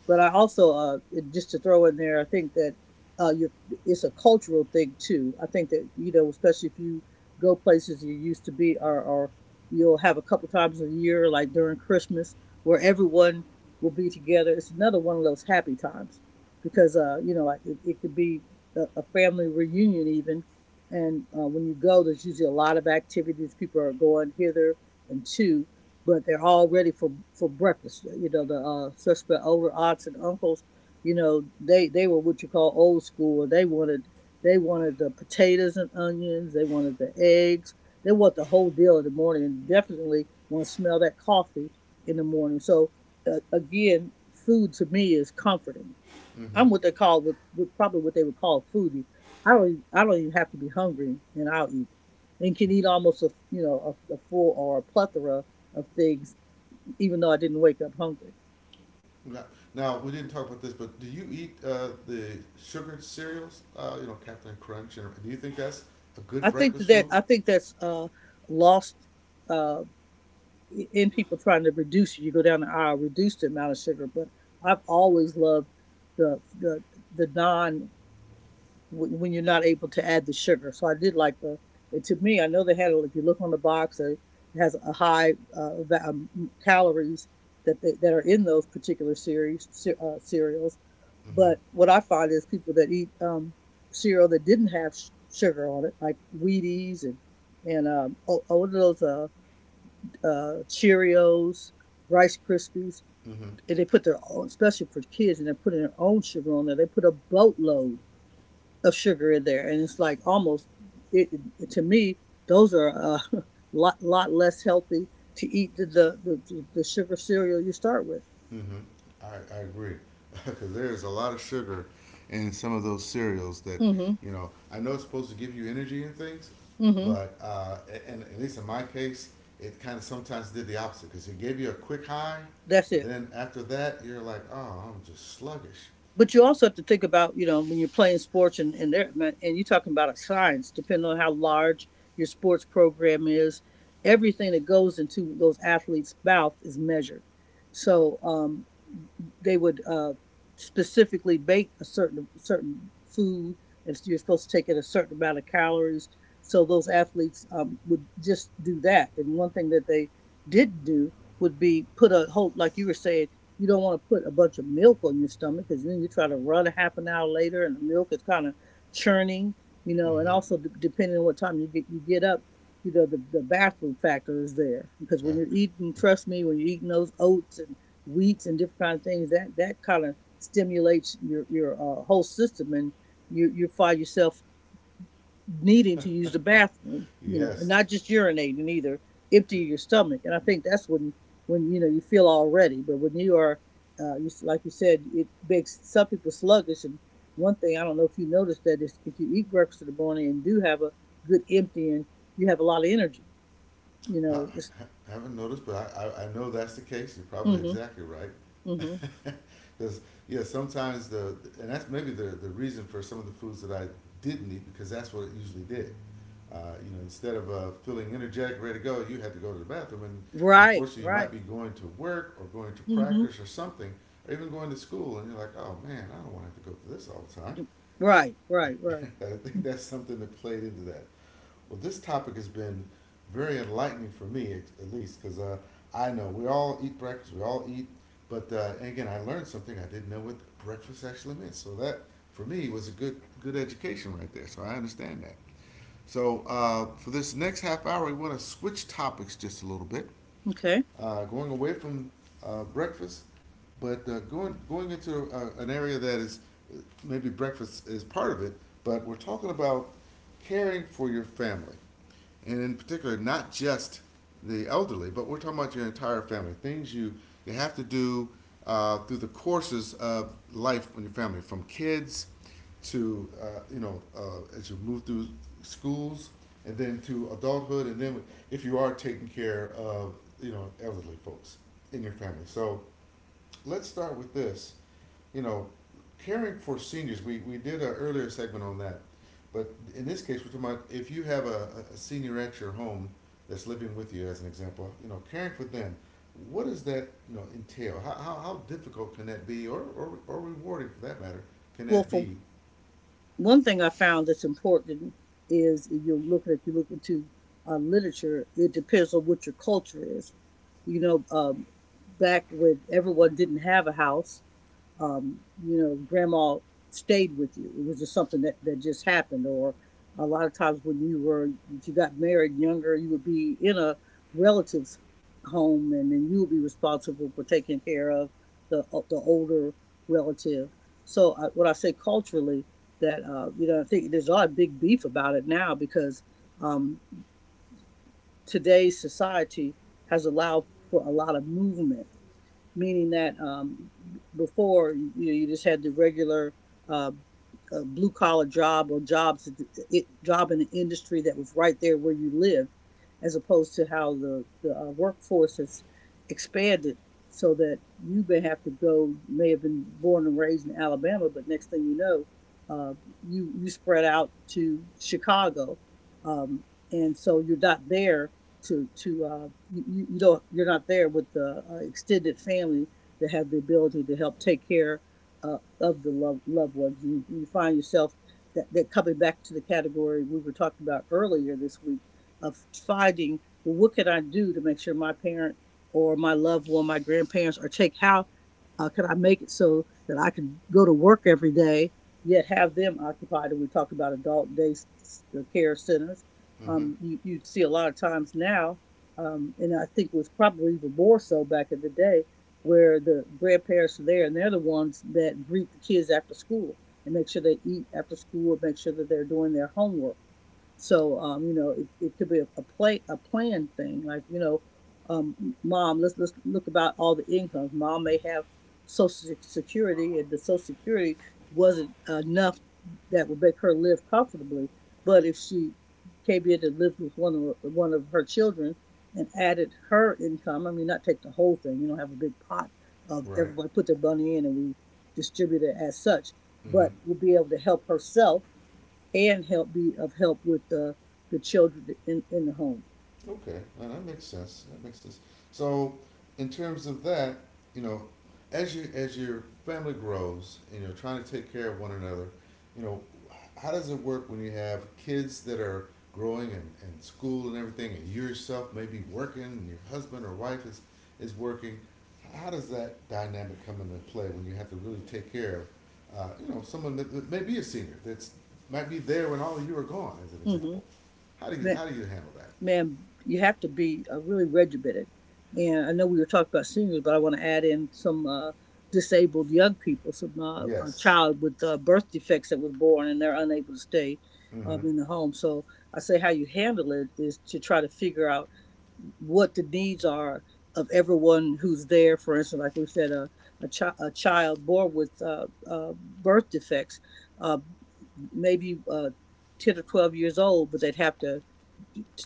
[SPEAKER 2] but I also, just to throw in there, I think that uh, you're, it's a cultural thing too. I think that you know, especially if you go places you used to be, or you'll have a couple times a year, like during Christmas, where everyone will be together. It's another one of those happy times because you know, like it could be a family reunion even, and when you go, there's usually a lot of activities. People are going hither and to, but they're all ready for breakfast. You know, the suspect older aunts and uncles, you know, they were what you call old school. They wanted the potatoes and onions. They wanted the eggs. They want the whole deal in the morning, and definitely want to smell that coffee in the morning. So again, food to me is comforting. I'm
[SPEAKER 1] Mm-hmm.
[SPEAKER 2] what they call what probably what they would call foodie. I don't even have to be hungry and I'll eat, and can eat almost a you know a full or a plethora of things, even though I didn't wake up hungry.
[SPEAKER 1] Now, we didn't talk about this, but do you eat the sugared cereals? You know, Captain Crunch. And, do you think that's a
[SPEAKER 2] I
[SPEAKER 1] good
[SPEAKER 2] think
[SPEAKER 1] breakfast
[SPEAKER 2] that
[SPEAKER 1] food?
[SPEAKER 2] I think that's lost uh, in people trying to reduce it. You go down the aisle, reduce the amount of sugar, but I've always loved the the the non when you're not able to add the sugar. So I did like the. It, to me, I know they had. If you look on the box, it has a high calories that they, that are in those particular series cereals.
[SPEAKER 1] Mm-hmm.
[SPEAKER 2] But what I find is people that eat cereal that didn't have sugar on it, like Wheaties and all oh, what those Cheerios, Rice Krispies,
[SPEAKER 1] Mm-hmm.
[SPEAKER 2] and they put their own, especially for kids, and they put in their own sugar on there. They put a boatload of sugar in there, and it's like almost it, it- to me those are a *laughs* lot less healthy to eat the sugar cereal you start with.
[SPEAKER 1] Mm-hmm. I agree, *laughs* because there's a lot of sugar in some of those cereals that
[SPEAKER 2] Mm-hmm.
[SPEAKER 1] you know. I know it's supposed to give you energy and things,
[SPEAKER 2] Mm-hmm.
[SPEAKER 1] but and at least in my case, it kind of sometimes did the opposite because it gave you a quick high.
[SPEAKER 2] That's it.
[SPEAKER 1] Then after that, you're like, oh, I'm just sluggish.
[SPEAKER 2] But you also have to think about you know when you're playing sports and there, and you're talking about a science, depending on how large your sports program is, everything that goes into those athletes' mouth is measured. So they would specifically bake a certain food, and so you're supposed to take in a certain amount of calories. So those athletes would just do that. And one thing that they did do would be put a whole, like you were saying, you don't want to put a bunch of milk on your stomach because then you try to run a half an hour later, and the milk is kind of churning, you know. And
[SPEAKER 1] Mm-hmm.
[SPEAKER 2] also depending on what time you get up, you know the bathroom factor is there because when
[SPEAKER 1] That,
[SPEAKER 2] you're eating, trust me, when you're eating those oats and wheats and different kinds of things that that kind of stimulates your whole system, and you find yourself needing to use the bathroom, you know, and
[SPEAKER 1] Yes.
[SPEAKER 2] not just urinating either, empty your stomach. And I think that's when you know you feel already, but when you are like you said, it makes some people sluggish. And one thing I don't know if you noticed that is if you eat breakfast in the morning and do have a good emptying, you have a lot of energy, you
[SPEAKER 1] I,
[SPEAKER 2] know it's,
[SPEAKER 1] I haven't noticed, but I know that's the case. You're probably
[SPEAKER 2] mm-hmm,
[SPEAKER 1] exactly right.
[SPEAKER 2] mm-hmm.
[SPEAKER 1] *laughs* Because, yeah, sometimes and that's maybe the reason for some of the foods that I didn't eat, because that's what it usually did. Instead of feeling energetic, ready to go, you had to go to the bathroom. And
[SPEAKER 2] Right,
[SPEAKER 1] unfortunately, you
[SPEAKER 2] right.
[SPEAKER 1] might be going to work or going to
[SPEAKER 2] Mm-hmm.
[SPEAKER 1] practice or something, or even going to school, and you're like, oh man, I don't want to have to go through this all the time.
[SPEAKER 2] Right, right,
[SPEAKER 1] *laughs*
[SPEAKER 2] right.
[SPEAKER 1] I think
[SPEAKER 2] Mm.
[SPEAKER 1] that's something that played into that. Well, this topic has been very enlightening for me, at least, because I know we all eat breakfast, we all eat, but and again, I learned something I didn't know what breakfast actually meant. So that, for me, was a good education right there. So I understand that. So for this next half hour, we want to switch topics just a little bit
[SPEAKER 2] Okay.
[SPEAKER 1] going away from breakfast, but going into an area that is maybe breakfast is part of it, but we're talking about caring for your family, and in particular, not just the elderly, but we're talking about your entire family. Things you have to do through the courses of life in your family, from kids to as you move through schools and then to adulthood, and then if you are taking care of elderly folks in your family. So let's start with this. You know caring for seniors, we did an earlier segment on that, but in this case we're talking about if you have a senior at your home that's living with you as an example. Caring for them, what does that entail? How difficult can that be, or rewarding for that matter, can
[SPEAKER 2] Well,
[SPEAKER 1] that
[SPEAKER 2] for
[SPEAKER 1] be?
[SPEAKER 2] one thing, I found that's important is if you look at if you look into literature, it depends on what your culture is. You know, back when everyone didn't have a house, you know, grandma stayed with you. It was just something that, that just happened. Or a lot of times when you were, if you got married younger, you would be in a relative's home, and then you would be responsible for taking care of the older relative. So I, when I say culturally, I think there's a lot of big beef about it now because um, today's society has allowed for a lot of movement, meaning that before you just had the regular uh, a blue collar job or jobs job in an industry that was right there where you lived, as opposed to how the workforce has expanded. So that you may have to go, may have been born and raised in Alabama, but next thing you know, uh, you spread out to Chicago, um, and so you're not there to you you don't you're not there with the extended family that have the ability to help take care, of the loved ones. And you find yourself that coming back to the category we were talking about earlier this week of finding, well, what can I do to make sure my parent or my loved one, my grandparents are take how can I make it so that I can go to work every day, yet have them occupied? And we talked about adult day care centers.
[SPEAKER 1] Mm-hmm.
[SPEAKER 2] You'd see a lot of times now, and I think was probably even more so back in the day, where the grandparents are there and they're the ones that greet the kids after school and make sure they eat after school and make sure that they're doing their homework. So it could be a plan thing. Mom, let's look about all the incomes. Mom may have Social Security, and the Social Security wasn't enough that would make her live comfortably. But if she came in and lived with one of her children and added her income, I mean, not take the whole thing. You don't have a big pot of
[SPEAKER 1] Right.
[SPEAKER 2] everybody put their money in and we distribute it as such,
[SPEAKER 1] Mm-hmm.
[SPEAKER 2] but we'll be able to help herself and help be of help with the children in the home.
[SPEAKER 1] Okay, that makes sense. That makes sense. So, in terms of that, you know, as your family grows and you're trying to take care of one another, you know, how does it work when you have kids that are growing and school and everything, and you yourself may be working, and your husband or wife is working? How does that dynamic come into play when you have to really take care of, someone that may be a senior that's might be there when all of you are gone, as an
[SPEAKER 2] Mm-hmm.
[SPEAKER 1] example?
[SPEAKER 2] Man,
[SPEAKER 1] How do you handle that?
[SPEAKER 2] man, you have to be really regimented. And I know we were talking about seniors, but I want to add in some disabled young people, some a
[SPEAKER 1] Yes.
[SPEAKER 2] child with birth defects that was born and they're unable to stay
[SPEAKER 1] Mm-hmm.
[SPEAKER 2] in the home. So I say how you handle it is to try to figure out what the needs are of everyone who's there. For instance, like we said, a child born with birth defects, uh, maybe 10 or 12 years old, but they'd have to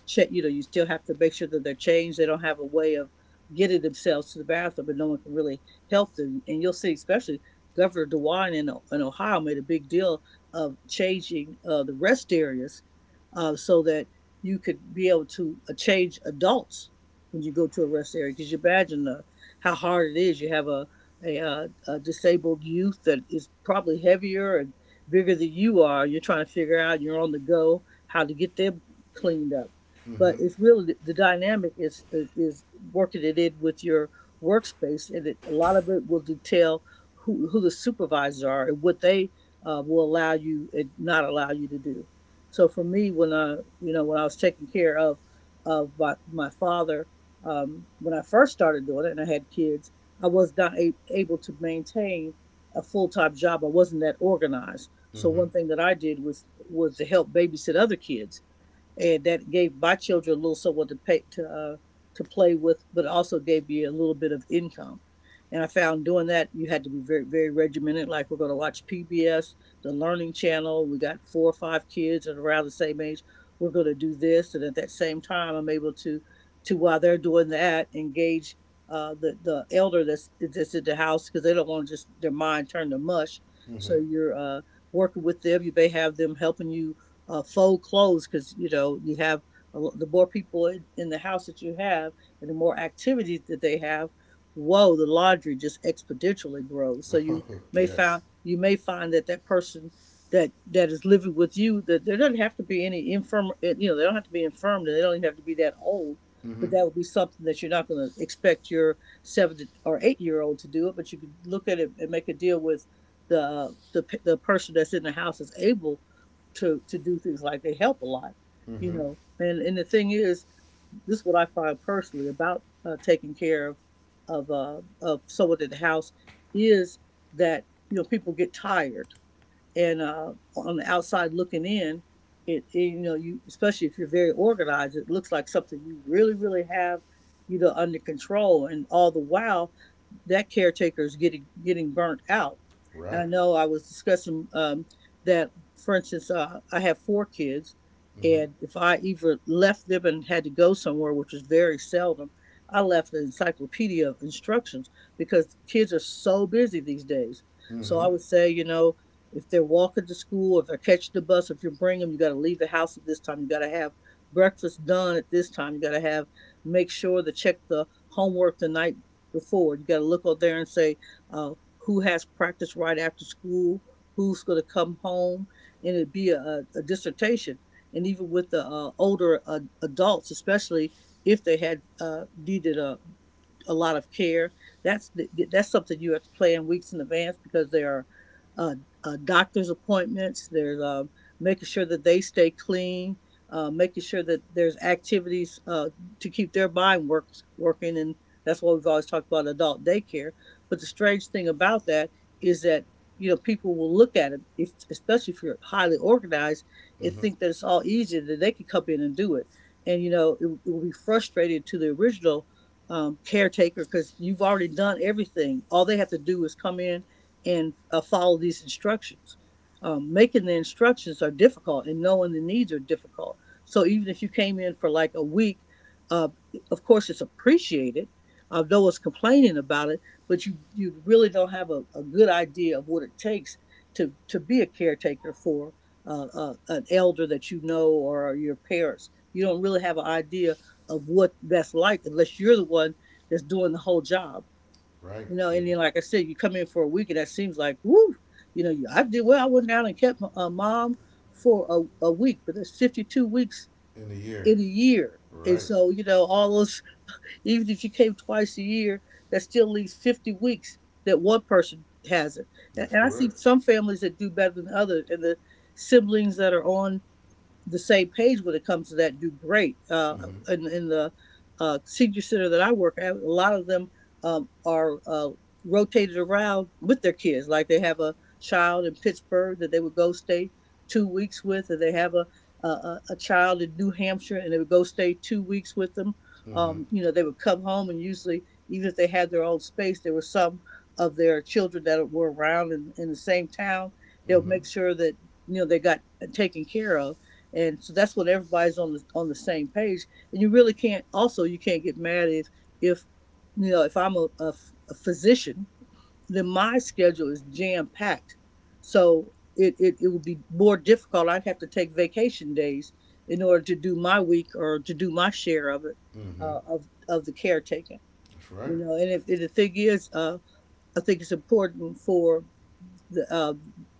[SPEAKER 2] check. You know, you still have to make sure that they're changed. They don't have a way of getting themselves to the bathroom, but no one can really help them. And you'll see, especially Governor DeWine in Ohio made a big deal of changing the rest areas, so that you could be able to change adults when you go to a rest area. Because you imagine how hard it is. You have a disabled youth that is probably heavier and bigger than you are. You're trying to figure out, you're on the go, how to get them cleaned up.
[SPEAKER 1] Mm-hmm.
[SPEAKER 2] But it's really the dynamic is working it in with your workspace, and a lot of it will detail who the supervisors are and what they will allow you and not allow you to do. So for me, when I was taking care of my father, when I first started doing it and I had kids, I was not able to maintain a full time job. I wasn't that organized. So
[SPEAKER 1] Mm-hmm.
[SPEAKER 2] one thing that I did was to help babysit other kids, and that gave my children a little someone to pay to play with, but also gave me a little bit of income. And I found doing that you had to be very regimented. Like we're going to watch PBS, the Learning Channel. We got four or five kids at around the same age. We're going to do this, and at that same time, I'm able to while they're doing that, engage the elder that's in the house because they don't want just their mind turned to mush. So
[SPEAKER 1] Mm-hmm.
[SPEAKER 2] you're working with them. You may have them helping you fold clothes. Because, you know, you have, the more people in the house that you have and the more activities that they have, whoa, the laundry just exponentially grows. So
[SPEAKER 1] *laughs* Oh, yes.
[SPEAKER 2] you may find that that person that that is living with you, that there doesn't have to be any infirm, you know, they don't have to be infirm, they don't even have to be that old, but
[SPEAKER 1] Mm-hmm.
[SPEAKER 2] that would be something that you're not going to expect your seven or eight-year-old to do. It but you can look at it and make a deal with the person that's in the house is able to do things like they help a lot, you
[SPEAKER 1] Mm-hmm.
[SPEAKER 2] know. And the thing is, this is what I find personally about taking care of of someone in the house is that, you know, people get tired, and on the outside looking in, it, you know, you, especially if you're very organized, it looks like something you really have, you know, under control, and all the while that caretaker is getting burnt out. And
[SPEAKER 1] Right.
[SPEAKER 2] I know I was discussing that, for instance, I have four kids,
[SPEAKER 1] Mm-hmm.
[SPEAKER 2] and if I either left them and had to go somewhere, which is very seldom, I left an encyclopedia of instructions because kids are so busy these days. So
[SPEAKER 1] Mm-hmm.
[SPEAKER 2] I would say, you know, if they're walking to school, if they're catching the bus, if you bring them, you got to leave the house at this time. You got to have breakfast done at this time. You got to have make sure to check the homework the night before. You got to look out there and say uh, who has practice right after school, who's going to come home, and it'd be a dissertation. And even with the older adults, especially if they had needed a lot of care. That's that's something you have to plan weeks in advance because there are uh, doctor's appointments. There's making sure that they stay clean, making sure that there's activities to keep their mind works working, and that's why we've always talked about adult daycare. But the strange thing about that is that, you know, people will look at it, if, especially if you're highly organized, and
[SPEAKER 1] Mm-hmm.
[SPEAKER 2] think that it's all easy, that they can come in and do it. And you know it will be frustrating to the original caretaker because you've already done everything. All they have to do is come in and follow these instructions. Making the instructions are difficult, and knowing the needs are difficult. So even if you came in for like a week, uh, of course it's appreciated. No one's complaining about it, but you really don't have a good idea of what it takes to be a caretaker for an elder that you know, or your parents. You don't really have an idea of what that's like unless you're the one that's doing the whole job.
[SPEAKER 1] Right.
[SPEAKER 2] You know,
[SPEAKER 1] Yep.
[SPEAKER 2] and then like I said, you come in for a week and that seems like woo. You know, I did well. I went out and kept my mom for a week, but that's 52 weeks
[SPEAKER 1] In the year.
[SPEAKER 2] in a year. And
[SPEAKER 1] Right.
[SPEAKER 2] so, you know, all those, even if you came twice a year, that still leaves 50 weeks that one person has it.
[SPEAKER 1] That's
[SPEAKER 2] And I see
[SPEAKER 1] correct.
[SPEAKER 2] some families that do better than others. And the siblings that are on the same page when it comes to that do great.
[SPEAKER 1] Mm-hmm.
[SPEAKER 2] In the senior center that I work at, a lot of them are rotated around with their kids. Like they have a child in Pittsburgh that they would go stay 2 weeks with, and they have a child in New Hampshire and they would go stay 2 weeks with them.
[SPEAKER 1] Mm-hmm.
[SPEAKER 2] You know, they would come home, and usually, even if they had their own space, there were some of their children that were around in the same town. They'll
[SPEAKER 1] Mm-hmm.
[SPEAKER 2] make sure that, you know, they got taken care of, and so that's what everybody's on the same page. And you really can't. Also, you can't get mad if, you know, if I'm a physician, then my schedule is jam packed. So it would be more difficult. I'd have to take vacation days in order to do my week or to do my share of it,
[SPEAKER 1] Mm-hmm.
[SPEAKER 2] of the caretaking.
[SPEAKER 1] That's
[SPEAKER 2] You
[SPEAKER 1] right.
[SPEAKER 2] know, and if and the thing is, I think it's important for the, uh,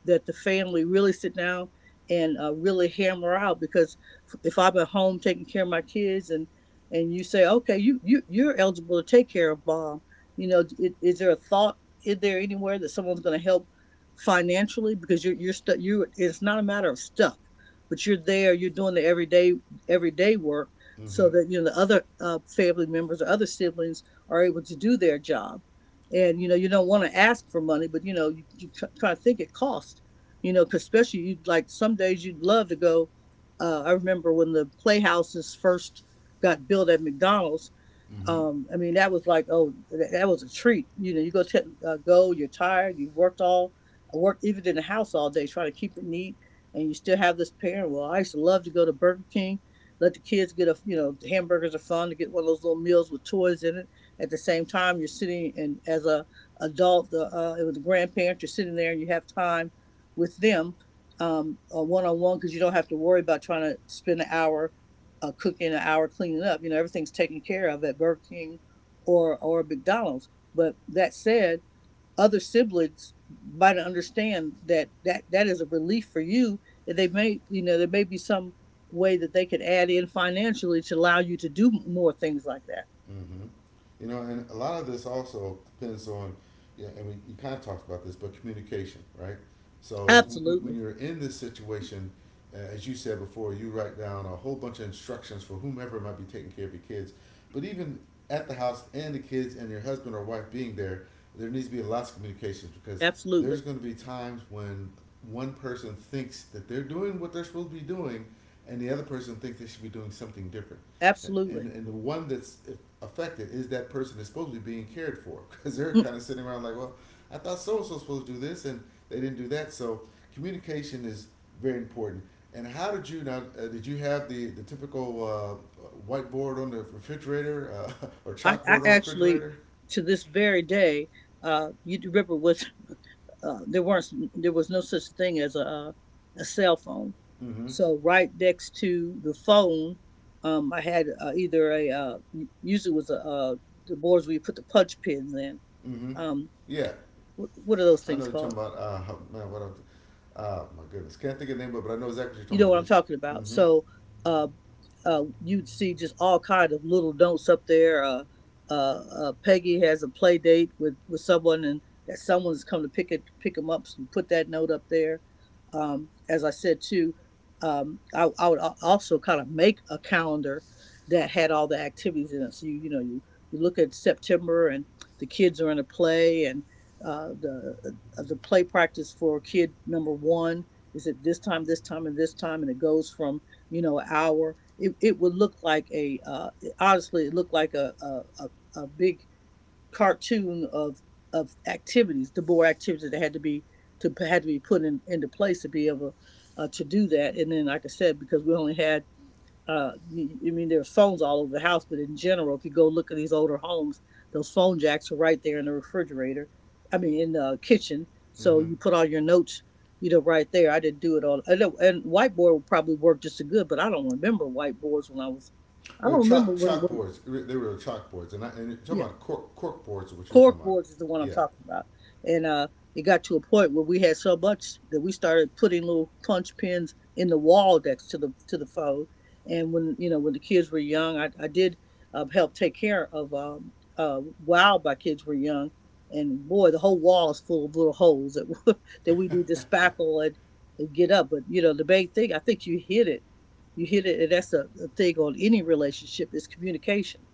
[SPEAKER 2] that the family really sit down and really hammer out because if I'm at home taking care of my kids and you say, okay, you're eligible to take care of Bob, you know, is there a thought in there anywhere that someone's going to help financially because you're stuck you it's not a matter of stuck, but you're there, you're doing the everyday work so
[SPEAKER 1] Mm-hmm.
[SPEAKER 2] that you know the other family members or other siblings are able to do their job, and you know you don't want to ask for money, but you know you try to think it cost, you know, because especially you like some days you'd love to go I remember when the playhouses first got built at mcdonald's.
[SPEAKER 1] Mm-hmm.
[SPEAKER 2] I mean, that was like, oh, that was a treat. You know, you go, you're tired, I worked even in the house all day trying to keep it neat, and you still have this parent. Well, I used to love to go to Burger King, let the kids get a, you know, the hamburgers are fun, to get one of those little meals with toys in it. At the same time, you're sitting and as a adult, the with the grandparent, you're sitting there and you have time with them, one on one, because you don't have to worry about trying to spend an hour cooking, an hour cleaning up. You know, everything's taken care of at Burger King or McDonald's. But that said, other siblings might understand that that is a relief for you. And they may, you know, there may be some way that they could add in financially to allow you to do more things like that.
[SPEAKER 1] Mm-hmm. And a lot of this also depends on, you kind of talked about this, but communication, right? So when
[SPEAKER 2] Absolutely,
[SPEAKER 1] you're in this situation, as you said before, you write down a whole bunch of instructions for whomever might be taking care of your kids. But even at the house and the kids and your husband or wife being there, there needs to be lots of communications because there's
[SPEAKER 2] absolutely,
[SPEAKER 1] going to be times when one person thinks that they're doing what they're supposed to be doing and the other person thinks they should be doing something different,
[SPEAKER 2] absolutely.
[SPEAKER 1] and the one that's affected is that person that's supposed to be being cared for *laughs* because they're
[SPEAKER 2] Mm,
[SPEAKER 1] kind of sitting around like, well, I thought so and so's supposed to do this and they didn't do that. So communication is very important. And how did you now? Did you have the typical whiteboard on the refrigerator *laughs* or
[SPEAKER 2] I
[SPEAKER 1] chalkboard on the
[SPEAKER 2] actually,
[SPEAKER 1] refrigerator?
[SPEAKER 2] to this very day, you remember was there weren't, there was no such thing as a cell phone.
[SPEAKER 1] Mm-hmm.
[SPEAKER 2] So right next to the phone, I had either a usually was a the boards where you put the punch pins in.
[SPEAKER 1] Mm-hmm.
[SPEAKER 2] Um,
[SPEAKER 1] Yeah,
[SPEAKER 2] what are those
[SPEAKER 1] I know
[SPEAKER 2] things
[SPEAKER 1] you're talking
[SPEAKER 2] called?
[SPEAKER 1] about. Man, what? My goodness, can't think of the name, but I know exactly what
[SPEAKER 2] You
[SPEAKER 1] you're talking
[SPEAKER 2] know what
[SPEAKER 1] about.
[SPEAKER 2] I'm
[SPEAKER 1] Just
[SPEAKER 2] talking about.
[SPEAKER 1] mm-hmm.
[SPEAKER 2] So uh, you'd see just all kind of little notes up there. Peggy has a play date with someone, and that someone's come to pick them up. So you put that note up there. As I said too, I would also kind of make a calendar that had all the activities in it. So you know you you look at September and the kids are in a play, and the play practice for kid number one is it this time, and it goes from, you know, an hour. It would look like a honestly, it looked like a big cartoon of activities, the more activities that had to be to had to be put in into place to be able to do that. And then, like I said, because we only had I mean, there are phones all over the house, but in general, if you go look at these older homes, those phone jacks are right there in the refrigerator. I mean, in the kitchen. So
[SPEAKER 1] Mm-hmm.
[SPEAKER 2] you put all your notes, you know, right there. I didn't do it all. I know, and whiteboard would probably work just as good, but I don't remember whiteboards when I was. I
[SPEAKER 1] They were
[SPEAKER 2] don't remember
[SPEAKER 1] chalk
[SPEAKER 2] when. When
[SPEAKER 1] chalkboards. They were chalkboards, and and you're talking
[SPEAKER 2] yeah,
[SPEAKER 1] about cork boards, what you are talking
[SPEAKER 2] cork
[SPEAKER 1] about.
[SPEAKER 2] boards is the one I'm
[SPEAKER 1] Yeah.
[SPEAKER 2] talking about. And it got to a point where we had so much that we started putting little punch pins in the wall next to the phone. And when you know when the kids were young, I did help take care of while my kids were young. And boy, the whole wall is full of little holes that *laughs* that we need to spackle and get up. But you know the main thing, I think you hit it, and that's a thing on any relationship is communication,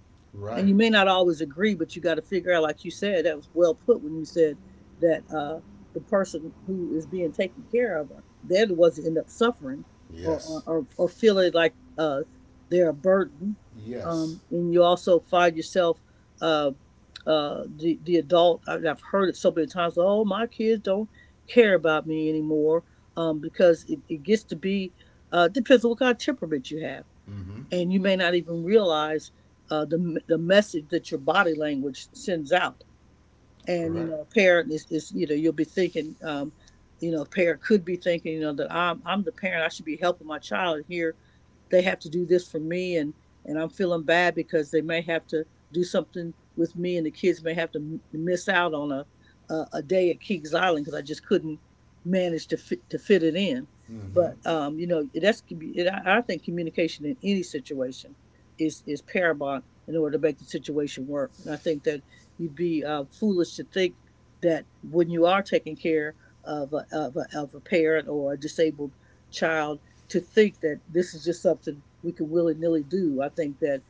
[SPEAKER 2] and
[SPEAKER 1] Right.
[SPEAKER 2] you may not always agree, but you got to figure out, like you said, that was well put when you said that the person who is being taken care of, they're the ones that end up suffering,
[SPEAKER 1] Yes.
[SPEAKER 2] or feeling like they're a burden.
[SPEAKER 1] Yes.
[SPEAKER 2] And you also find yourself uh, the adult. I mean, I've heard it so many times. Oh, my kids don't care about me anymore, because it gets to be depends on what kind of temperament you have,
[SPEAKER 1] Mm-hmm.
[SPEAKER 2] and you may not even realize the message that your body language sends out. And you know
[SPEAKER 1] Correct.
[SPEAKER 2] a parent is, you know, you'll be thinking you know a parent could be thinking, you know, that i'm the parent, I should be helping my child, and here they have to do this for me, and I'm feeling bad because they may have to do something with me, and the kids may have to miss out on a a day at Kings Island because I just couldn't manage to fit it in.
[SPEAKER 1] Mm-hmm.
[SPEAKER 2] But um, you know that's I think communication in any situation is paramount in order to make the situation work, and I think that you'd be foolish to think that when you are taking care of of a parent or a disabled child, to think that this is just something we can willy nilly do. I think that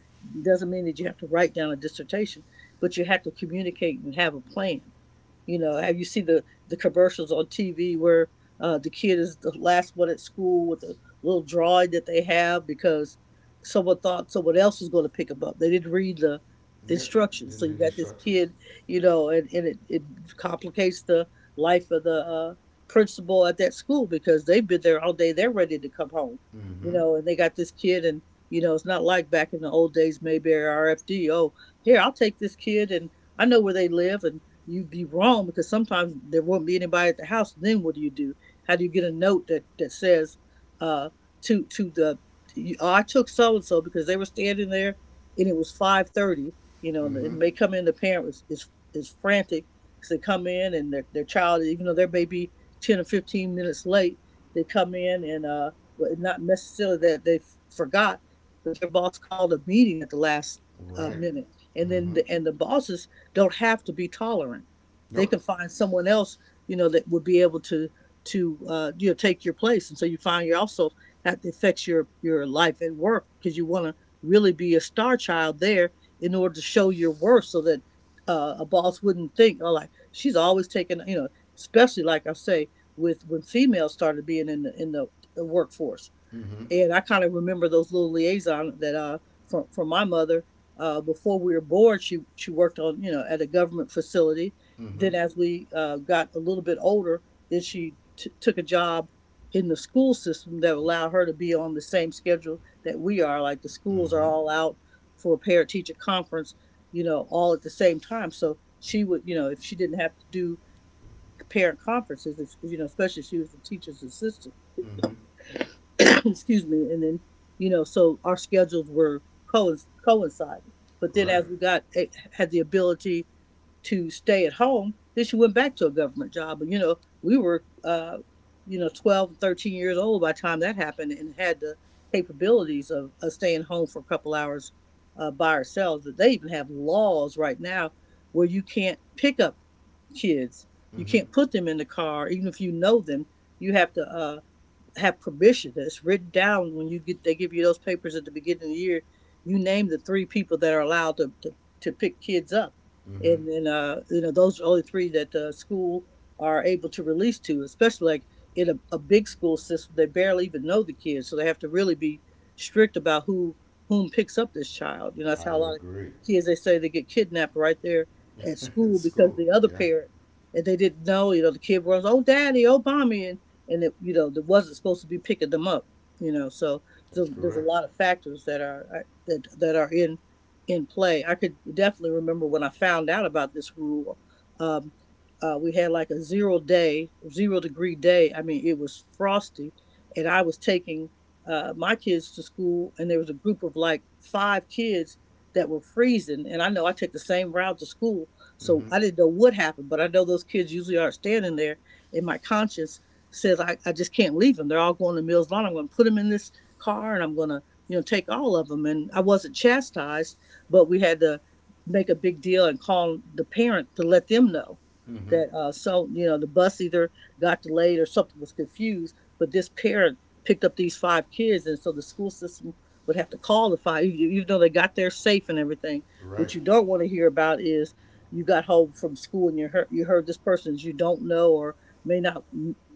[SPEAKER 2] doesn't mean that you have to write down a dissertation, but you have to communicate and have a plan. You know, have you seen the commercials on TV where the kid is the last one at school with a little drawing that they have because someone thought someone else was going to pick him up. They didn't read the
[SPEAKER 1] Yep.
[SPEAKER 2] instructions, so
[SPEAKER 1] Didn't
[SPEAKER 2] you
[SPEAKER 1] read
[SPEAKER 2] got this
[SPEAKER 1] instructions.
[SPEAKER 2] kid, you know, and it complicates the life of the principal at that school because they've been there all day. They're ready to come home, you
[SPEAKER 1] Mm-hmm.
[SPEAKER 2] know, and they got this kid, and you know, it's not like back in the old days, Mayberry RFD. Oh, here, I'll take this kid, and I know where they live, and you'd be wrong because sometimes there won't be anybody at the house. Then what do you do? How do you get a note that says uh, to the, oh, I took so and so because they were standing there and it was 5:30. You know,
[SPEAKER 1] Mm-hmm.
[SPEAKER 2] and they come in. The is frantic. So they come in, and their child, even though they may be 10 or 15 minutes late, they come in, and well, not necessarily that they forgot, but their boss called a meeting at the last
[SPEAKER 1] Right.
[SPEAKER 2] minute, and
[SPEAKER 1] Mm-hmm.
[SPEAKER 2] the bosses don't have to be tolerant. They
[SPEAKER 1] Nope.
[SPEAKER 2] can find someone else, you know, that would be able to you know, take your place. And so you find you also that affects your life at work because you want to really be a star child there in order to show your worth, so that a boss wouldn't think, oh, like she's always taking, you know, especially like I say with when females started being in the workforce.
[SPEAKER 1] Mm-hmm.
[SPEAKER 2] And I kind of remember those little liaisons that from my mother. Before we were born, she worked on, you know, at a government facility.
[SPEAKER 1] Mm-hmm.
[SPEAKER 2] Then as we got a little bit older, then she took a job in the school system that allowed her to be on the same schedule that we are. Like the schools are
[SPEAKER 1] Mm-hmm.
[SPEAKER 2] all out for a parent teacher conference, you know, all at the same time. So she would, you know, if she didn't have to do parent conferences, if, you know, especially if she was a teacher's assistant
[SPEAKER 1] Mm-hmm.
[SPEAKER 2] *coughs* *clears throat* excuse me. And then you know so our schedules were coincided, but then
[SPEAKER 1] Right.
[SPEAKER 2] as we got eh, had the ability to stay at home, then she went back to a government job. And you know we were you know 12 13 years old by the time that happened and had the capabilities of staying home for a couple hours by ourselves. They even have laws right now where you can't pick up kids, you
[SPEAKER 1] Mm-hmm.
[SPEAKER 2] can't put them in the car even if you know them, you have to have permission that's written down when you get they give you those papers at the beginning of the year. You name the three people that are allowed to pick kids up.
[SPEAKER 1] Mm-hmm.
[SPEAKER 2] And then those are only three that the school are able to release to, especially like in a big school system. They barely even know the kids, so they have to really be strict about whom picks up this child. That's
[SPEAKER 1] I
[SPEAKER 2] how a
[SPEAKER 1] would
[SPEAKER 2] lot of
[SPEAKER 1] agree.
[SPEAKER 2] kids, they say, they get kidnapped right there at
[SPEAKER 1] *laughs*
[SPEAKER 2] school
[SPEAKER 1] It's
[SPEAKER 2] because
[SPEAKER 1] school.
[SPEAKER 2] the other
[SPEAKER 1] Yeah.
[SPEAKER 2] parent, and they didn't know. The kid runs, oh daddy, oh mommy, and it you know there wasn't supposed to be picking them up, you know so,
[SPEAKER 1] That's
[SPEAKER 2] so there's a
[SPEAKER 1] correct.
[SPEAKER 2] lot of factors that are that are in play. I could definitely remember when I found out about this rule. um, we had like a zero degree day. I mean, it was frosty, and I was taking my kids to school, and there was a group of like 5 kids that were freezing. And I know I take the same route to school, so
[SPEAKER 1] Mm-hmm.
[SPEAKER 2] I didn't know what happened, but I know those kids usually aren't standing there. In my conscience, I just can't leave them. They're all going to Mills Lawn. I'm going to put them in this car, and I'm going to, take all of them. And I wasn't chastised, but we had to make a big deal and call the parent to let them know
[SPEAKER 1] Mm-hmm.
[SPEAKER 2] that, the bus either got delayed or something was confused, but this parent picked up these 5 kids. And so the school system would have to call the 5, e- even though they got there safe and everything.
[SPEAKER 1] Right.
[SPEAKER 2] What you don't want to hear about is you got home from school and you heard this person that you don't know or may not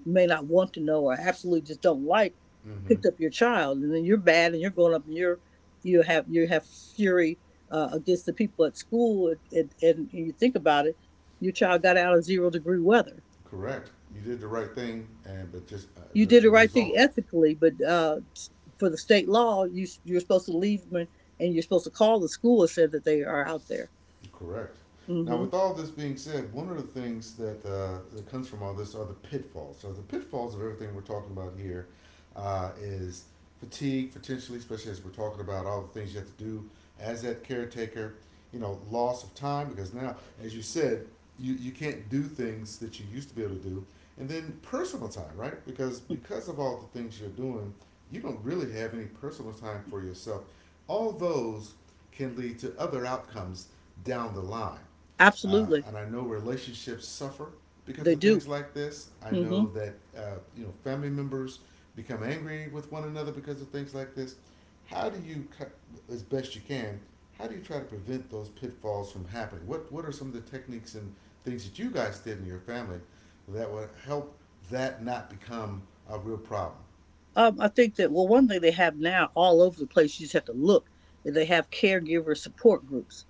[SPEAKER 2] may not want to know or absolutely just don't like
[SPEAKER 1] Mm-hmm.
[SPEAKER 2] picked up your child. And then you're bad and you're going up and you're you have fury against the people at school. And you think about it, your child got out of zero degree weather.
[SPEAKER 1] Correct. You did the right thing, and but just
[SPEAKER 2] You
[SPEAKER 1] the
[SPEAKER 2] did
[SPEAKER 1] the
[SPEAKER 2] the right thing
[SPEAKER 1] results
[SPEAKER 2] ethically, but for the state law, you you're supposed to leave them, and you're supposed to call the school and say that they are out there.
[SPEAKER 1] Correct. Now,
[SPEAKER 2] hmm
[SPEAKER 1] with all this being said, one of the things that comes from all this are the pitfalls. So the pitfalls of everything we're talking about here is fatigue, potentially, especially as we're talking about all the things you have to do as that caretaker. You know, loss of time because now, as you said, you can't do things that you used to be able to do, and then personal time, right? Because of all the things you're doing, you don't really have any personal time for yourself. All those can lead to other outcomes down the line.
[SPEAKER 2] Absolutely.
[SPEAKER 1] And I know relationships suffer because
[SPEAKER 2] They
[SPEAKER 1] of things
[SPEAKER 2] do.
[SPEAKER 1] like this. I
[SPEAKER 2] hmm
[SPEAKER 1] know that family members become angry with one another because of things like this. How do you, as best you can, how do you try to prevent those pitfalls from happening? What are some of the techniques and things that you guys did in your family that would help that not become a real problem?
[SPEAKER 2] I think that, well, one thing they have now all over the place, you just have to look, and they have caregiver support groups.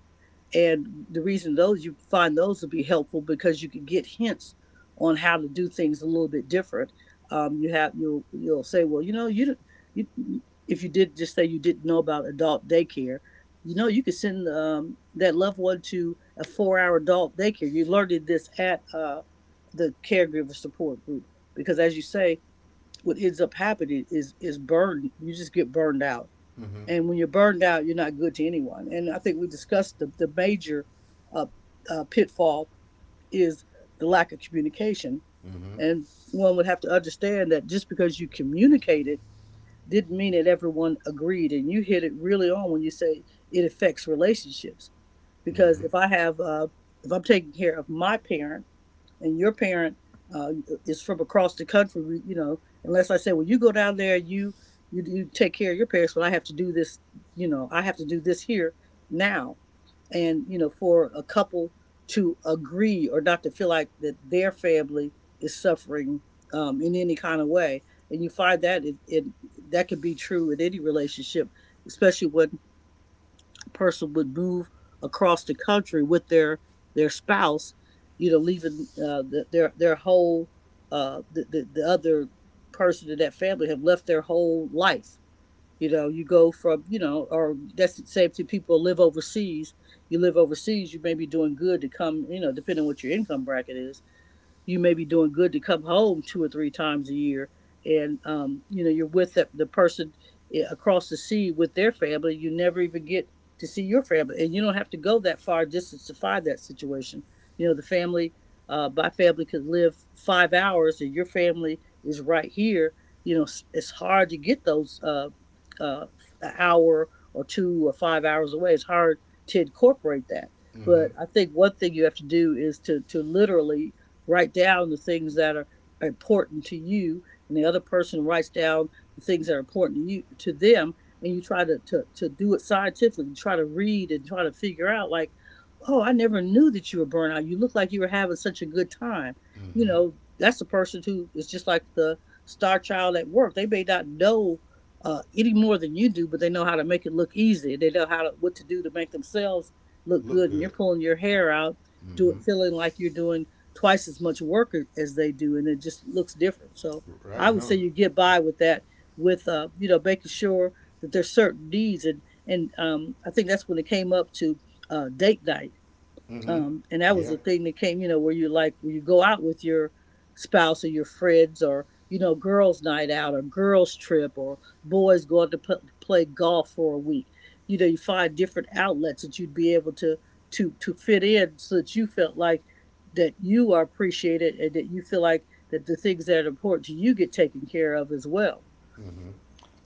[SPEAKER 2] And the reason those, you find those will be helpful, because you can get hints on how to do things a little bit different. You have you'll say, well, you- if you did, just say you didn't know about adult daycare, you know, you could send that loved one to a 4-hour adult daycare. You learned this at the caregiver support group because, as you say, what ends up happening is burned. You just get burned out,
[SPEAKER 1] Mm-hmm.
[SPEAKER 2] and when you're burned out, you're not good to anyone. And I think we discussed the major uh, pitfall is the lack of communication,
[SPEAKER 1] Mm-hmm.
[SPEAKER 2] and one would have to understand that just because you communicated didn't mean that everyone agreed. And you hit it really on when you say it affects relationships, because
[SPEAKER 1] Mm-hmm.
[SPEAKER 2] if I have if I'm taking care of my parent and your parent uh, is from across the country. You know, unless I say, well, you go down there, you take care of your parents, but I have to do this, you know, I have to do this here now. And you know, for a couple to agree or not to feel like that their family is suffering in any kind of way, and you find that it that could be true in any relationship, especially when person would move across the country with their spouse, you know, leaving their whole the other person in that family have left their whole life. You know, you go from you know, or that's the same thing. People live overseas. You live overseas, you may be doing good to come. You know, depending on what your income bracket is, you may be doing good to come home two or three times a year. And you know, you're with the person eh, across the sea with their family. You never even get to see your family, and you don't have to go that far distance to find that situation. You know, the family, my family could live 5 hours and your family is right here, you know. It's hard to get those uh, an hour or two or 5 hours away. It's hard to incorporate that.
[SPEAKER 1] Mm-hmm.
[SPEAKER 2] But I think one thing you have to do is to literally write down the things that are important to you, and the other person writes down the things that are important to you to them. And you try to do it scientifically, try to read and try to figure out, like, oh, I never knew that you were burnout, you look like you were having such a good time. You
[SPEAKER 1] Mm-hmm.
[SPEAKER 2] know, that's the person who is just like the star child at work. They may not know any more than you do, but they know how to make it look easy. They know how to what to do to make themselves look
[SPEAKER 1] Look
[SPEAKER 2] good, and you're
[SPEAKER 1] good.
[SPEAKER 2] pulling your hair out
[SPEAKER 1] Mm-hmm.
[SPEAKER 2] doing feeling like you're doing twice as much work as they do, and it just looks different. So I
[SPEAKER 1] Right?
[SPEAKER 2] would say
[SPEAKER 1] No.
[SPEAKER 2] you get by with that, with making sure that there's certain needs, and I think that's when it came up to date night,
[SPEAKER 1] Mm-hmm.
[SPEAKER 2] and that was
[SPEAKER 1] Yeah.
[SPEAKER 2] a thing that came, you know, where you like where you go out with your spouse or your friends, or you know, girls' night out or girls' trip or boys go out to p- play golf for a week. You know, you find different outlets that you'd be able to to fit in so that you felt like that you are appreciated, and that you feel like that the things that are important to you get taken care of as well.
[SPEAKER 1] Mm-hmm.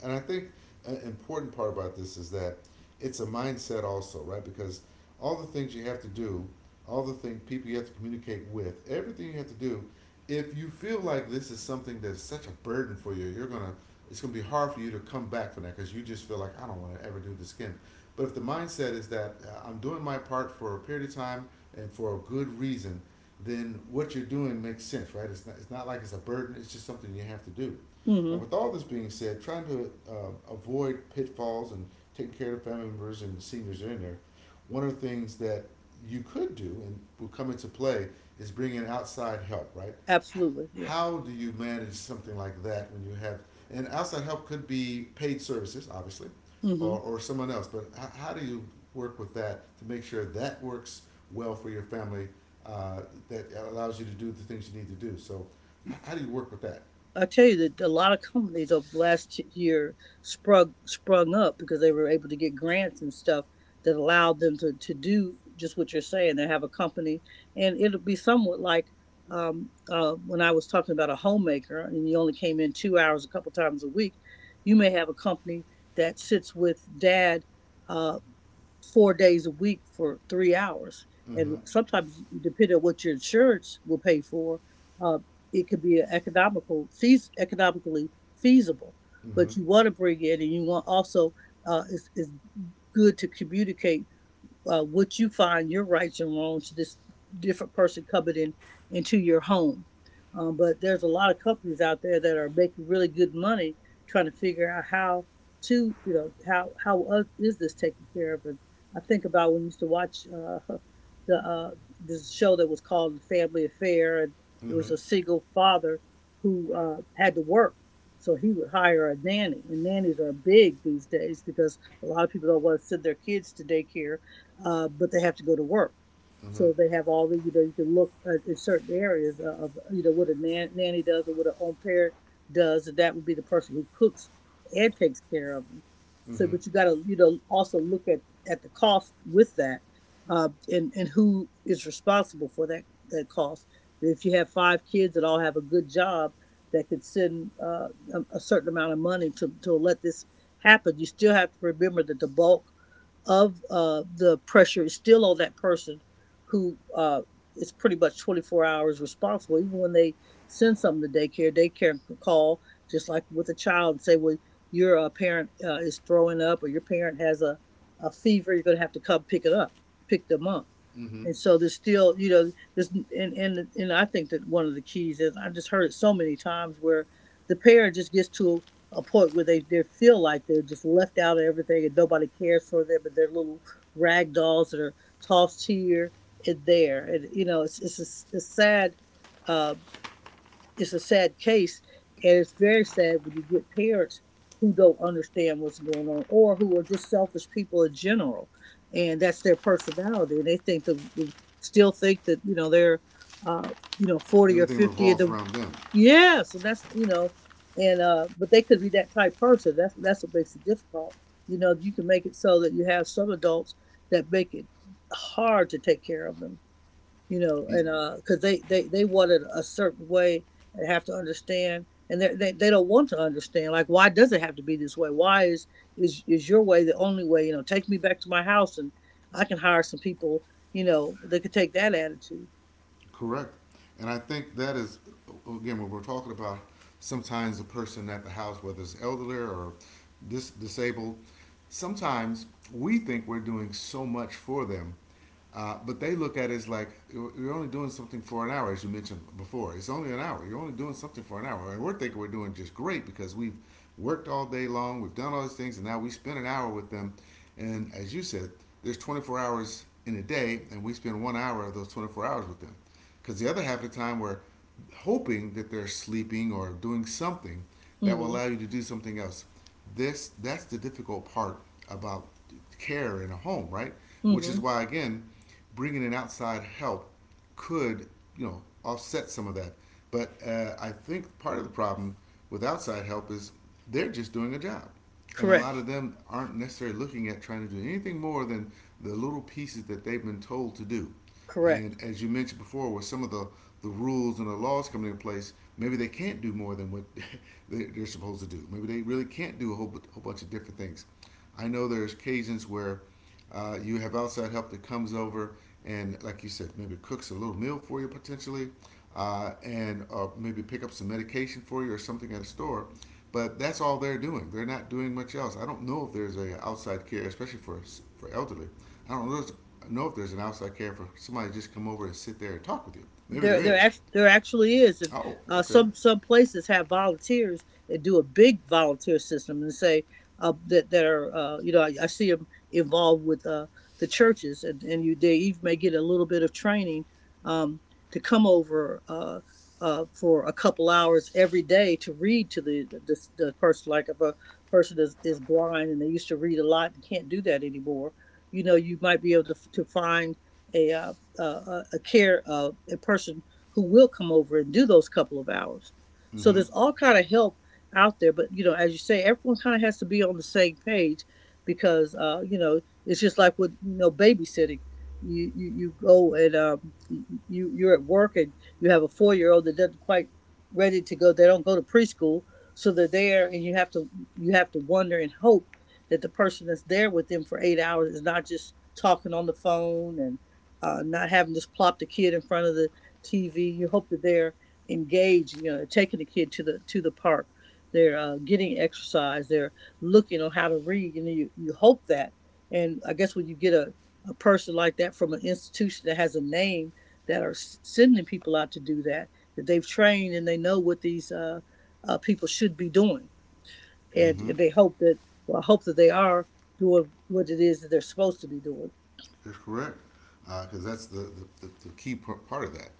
[SPEAKER 1] And I think an important part about this is that it's a mindset also, right? Because all the things you have to do, all the thing people you have to communicate with, everything you have to do, if you feel like this is something that's such a burden for you, you're gonna it's gonna be hard for you to come back from that because you just feel like I don't want to ever do this again. But if the mindset is that I'm doing my part for a period of time and for a good reason, then what you're doing makes sense, right? It's not like it's a burden. It's just something you have to do. Now,
[SPEAKER 2] Mm-hmm.
[SPEAKER 1] with all this being said, trying to avoid pitfalls and taking care of family members and the seniors in there, one of the things that you could do and will come into play is bringing in outside help, right? H-
[SPEAKER 2] Absolutely. Yeah.
[SPEAKER 1] How do you manage something like that when you have, and outside help could be paid services, obviously,
[SPEAKER 2] Mm-hmm.
[SPEAKER 1] or someone else, but how do you work with that to make sure that works well for your family uh, that allows you to do the things you need to do? So, how do you work with that?
[SPEAKER 2] I tell you that a lot of companies over the last year sprung up because they were able to get grants and stuff that allowed them to do just what you're saying. They have a company, and it'll be somewhat like when I was talking about a homemaker, and you only came in 2 hours a couple times a week. You may have a company that sits with dad uh, 4 days a week for 3 hours.
[SPEAKER 1] Mm-hmm.
[SPEAKER 2] And sometimes, depending on what your insurance will pay for, uh, it could be economical, economically feasible.
[SPEAKER 1] Mm-hmm.
[SPEAKER 2] But you want to bring in, and you want also, it's good to communicate would you find your rights and wrongs to this different person coming in into your home? But there's a lot of companies out there that are making really good money trying to figure out how to, you know, how is this taken care of? And I think about when you used to watch *laughs* the this show that was called Family Affair. And it
[SPEAKER 1] Mm-hmm.
[SPEAKER 2] was a single father who had to work, so he would hire a nanny. And nannies are big these days because a lot of people don't want to send their kids to daycare, but they have to go to work.
[SPEAKER 1] Mm-hmm.
[SPEAKER 2] So they have all the, you know, you can look at certain areas of, you know, what a nan- nanny does or what an au pair does. And that would be the person who cooks and takes care of them.
[SPEAKER 1] Mm-hmm.
[SPEAKER 2] So,
[SPEAKER 1] Mm-hmm.
[SPEAKER 2] but you got to, you know, also look at the cost with that, and who is responsible for that cost. If you have 5 kids that all have a good job that could send a certain amount of money to let this happen, you still have to remember that the bulk of the pressure is still on that person who is pretty much 24 hours responsible. Even when they send something to daycare, daycare can call, just like with a child, and say, well, your parent is throwing up, or your parent has a fever. You're going to have to come pick it up, pick them up.
[SPEAKER 1] Mm-hmm.
[SPEAKER 2] And so there's still, there's, and I think that one of the keys is, I just heard it so many times, where the parent just gets to a point where they feel like they're just left out of everything and nobody cares for them, and they're little rag dolls that are tossed here and there. And it's a sad, uh, it's a sad case. And it's very sad when you get parents who don't understand what's going on, or who are just selfish people in general, and that's their personality. And they think the still think that they're, uh, 40 or
[SPEAKER 1] Everything
[SPEAKER 2] 50. Of
[SPEAKER 1] revolves
[SPEAKER 2] the,
[SPEAKER 1] around them.
[SPEAKER 2] yes, and that's, and but they could be that type person. That's what makes it difficult. You know, you can make it so that you have some adults that make it hard to take care of them,
[SPEAKER 1] You.
[SPEAKER 2] and because they want it a certain way and have to understand. And they don't want to understand. Like, why does it have to be this way? Why is your way the only way? You know, take me back to my house, and I can hire some people. You know, that could take that attitude.
[SPEAKER 1] Correct. And I think that is, again, when we're talking about sometimes a person at the house, whether it's elderly or disabled, sometimes we think we're doing so much for them, but they look at it as like, you're only doing something for an hour, as you mentioned before. It's only an hour. You're only doing something for an hour. And we're thinking we're doing just great because we've worked all day long, we've done all these things, and now we spend an hour with them. And as you said, there's 24 hours in a day, and we spend one hour of those 24 hours with them. Because the other half of the time, we're hoping that they're sleeping or doing something that will
[SPEAKER 2] Mm-hmm.
[SPEAKER 1] allow you to do something else. This that's the difficult part about care in a home, right? Which
[SPEAKER 2] Mm-hmm.
[SPEAKER 1] is why again, bringing in outside help could you know offset some of that. But I think part of the problem with outside help is they're just doing a job, and a lot
[SPEAKER 2] Correct.
[SPEAKER 1] of them aren't necessarily looking at trying to do anything more than the little pieces that they've been told to do.
[SPEAKER 2] Correct.
[SPEAKER 1] And as you mentioned before, with some of the rules and the laws coming in place, maybe they can't do more than what *laughs* they- are supposed to do. Maybe they really can't do a whole bunch of different things. I know there's occasions where you have outside help that comes over and, like you said, maybe cooks a little meal for you potentially, and maybe pick up some medication for you or something at a store. But that's all they're doing. They're not doing much else. I don't know if there's a outside care, especially for elderly. I don't know if there's an outside care for somebody to just come over and sit there and talk with you. Maybe
[SPEAKER 2] There,
[SPEAKER 1] there
[SPEAKER 2] there,
[SPEAKER 1] is.
[SPEAKER 2] act- there actually is. And
[SPEAKER 1] Oh, okay.
[SPEAKER 2] some places have volunteers that do a big volunteer system, and say that that are, I see them involved with the churches. And you, they even may get a little bit of training, um, to come over, for a couple hours every day, to read to the person. Like if a person is blind and they used to read a lot and can't do that anymore, you know, you might be able to find a uh, a care, a person who will come over and do those couple of hours. So
[SPEAKER 1] Mm-hmm.
[SPEAKER 2] there's all kind of help out there. But you know, as you say, everyone kind of has to be on the same page, because it's just like with, babysitting. You go and you're at work, and you have a 4 year old that doesn't quite ready to go. They don't go to preschool, so they're there. And you have to, you have to wonder and hope that the person that's there with them for 8 hours is not just talking on the phone, and not having just plopped a kid in front of the TV. You hope that they're engaged, you know, taking the kid to the park. They're getting exercise. They're looking on how to read. You know, you hope that. And I guess when you get a person like that from an institution that has a name, that are sending people out to do that, that they've trained, and they know what these people should be doing.
[SPEAKER 1] Mm-hmm.
[SPEAKER 2] And they hope that, well, I hope that they are doing what it is that they're supposed to be doing.
[SPEAKER 1] That's correct, because that's key part of that.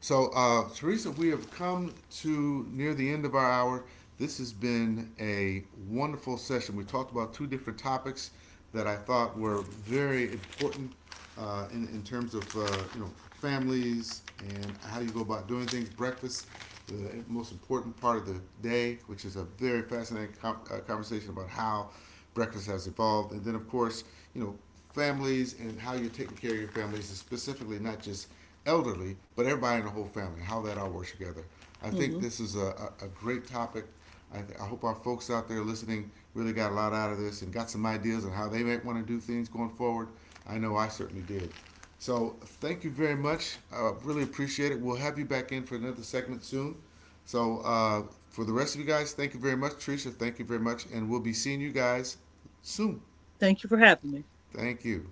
[SPEAKER 1] So, Teresa, we have come to near the end of our hour. This has been a wonderful session. We talked about two different topics that I thought were very important in terms of you know families and how do you go about doing things. Breakfast, the most important part of the day, which is a very fascinating conversation about how breakfast has evolved, and then of course you know families and how you're taking care of your families, and specifically not just elderly, but everybody in the whole family, how that all works together. I think
[SPEAKER 2] Hmm.
[SPEAKER 1] this is a great topic. I hope our folks out there listening really got a lot out of this and got some ideas on how they might want to do things going forward. I know I certainly did. So thank you very much. I really appreciate it. We'll have you back in for another segment soon. So for the rest of you guys, thank you very much, Tricia. Thank you very much, and we'll be seeing you guys soon.
[SPEAKER 2] Thank you for having me.
[SPEAKER 1] Thank you.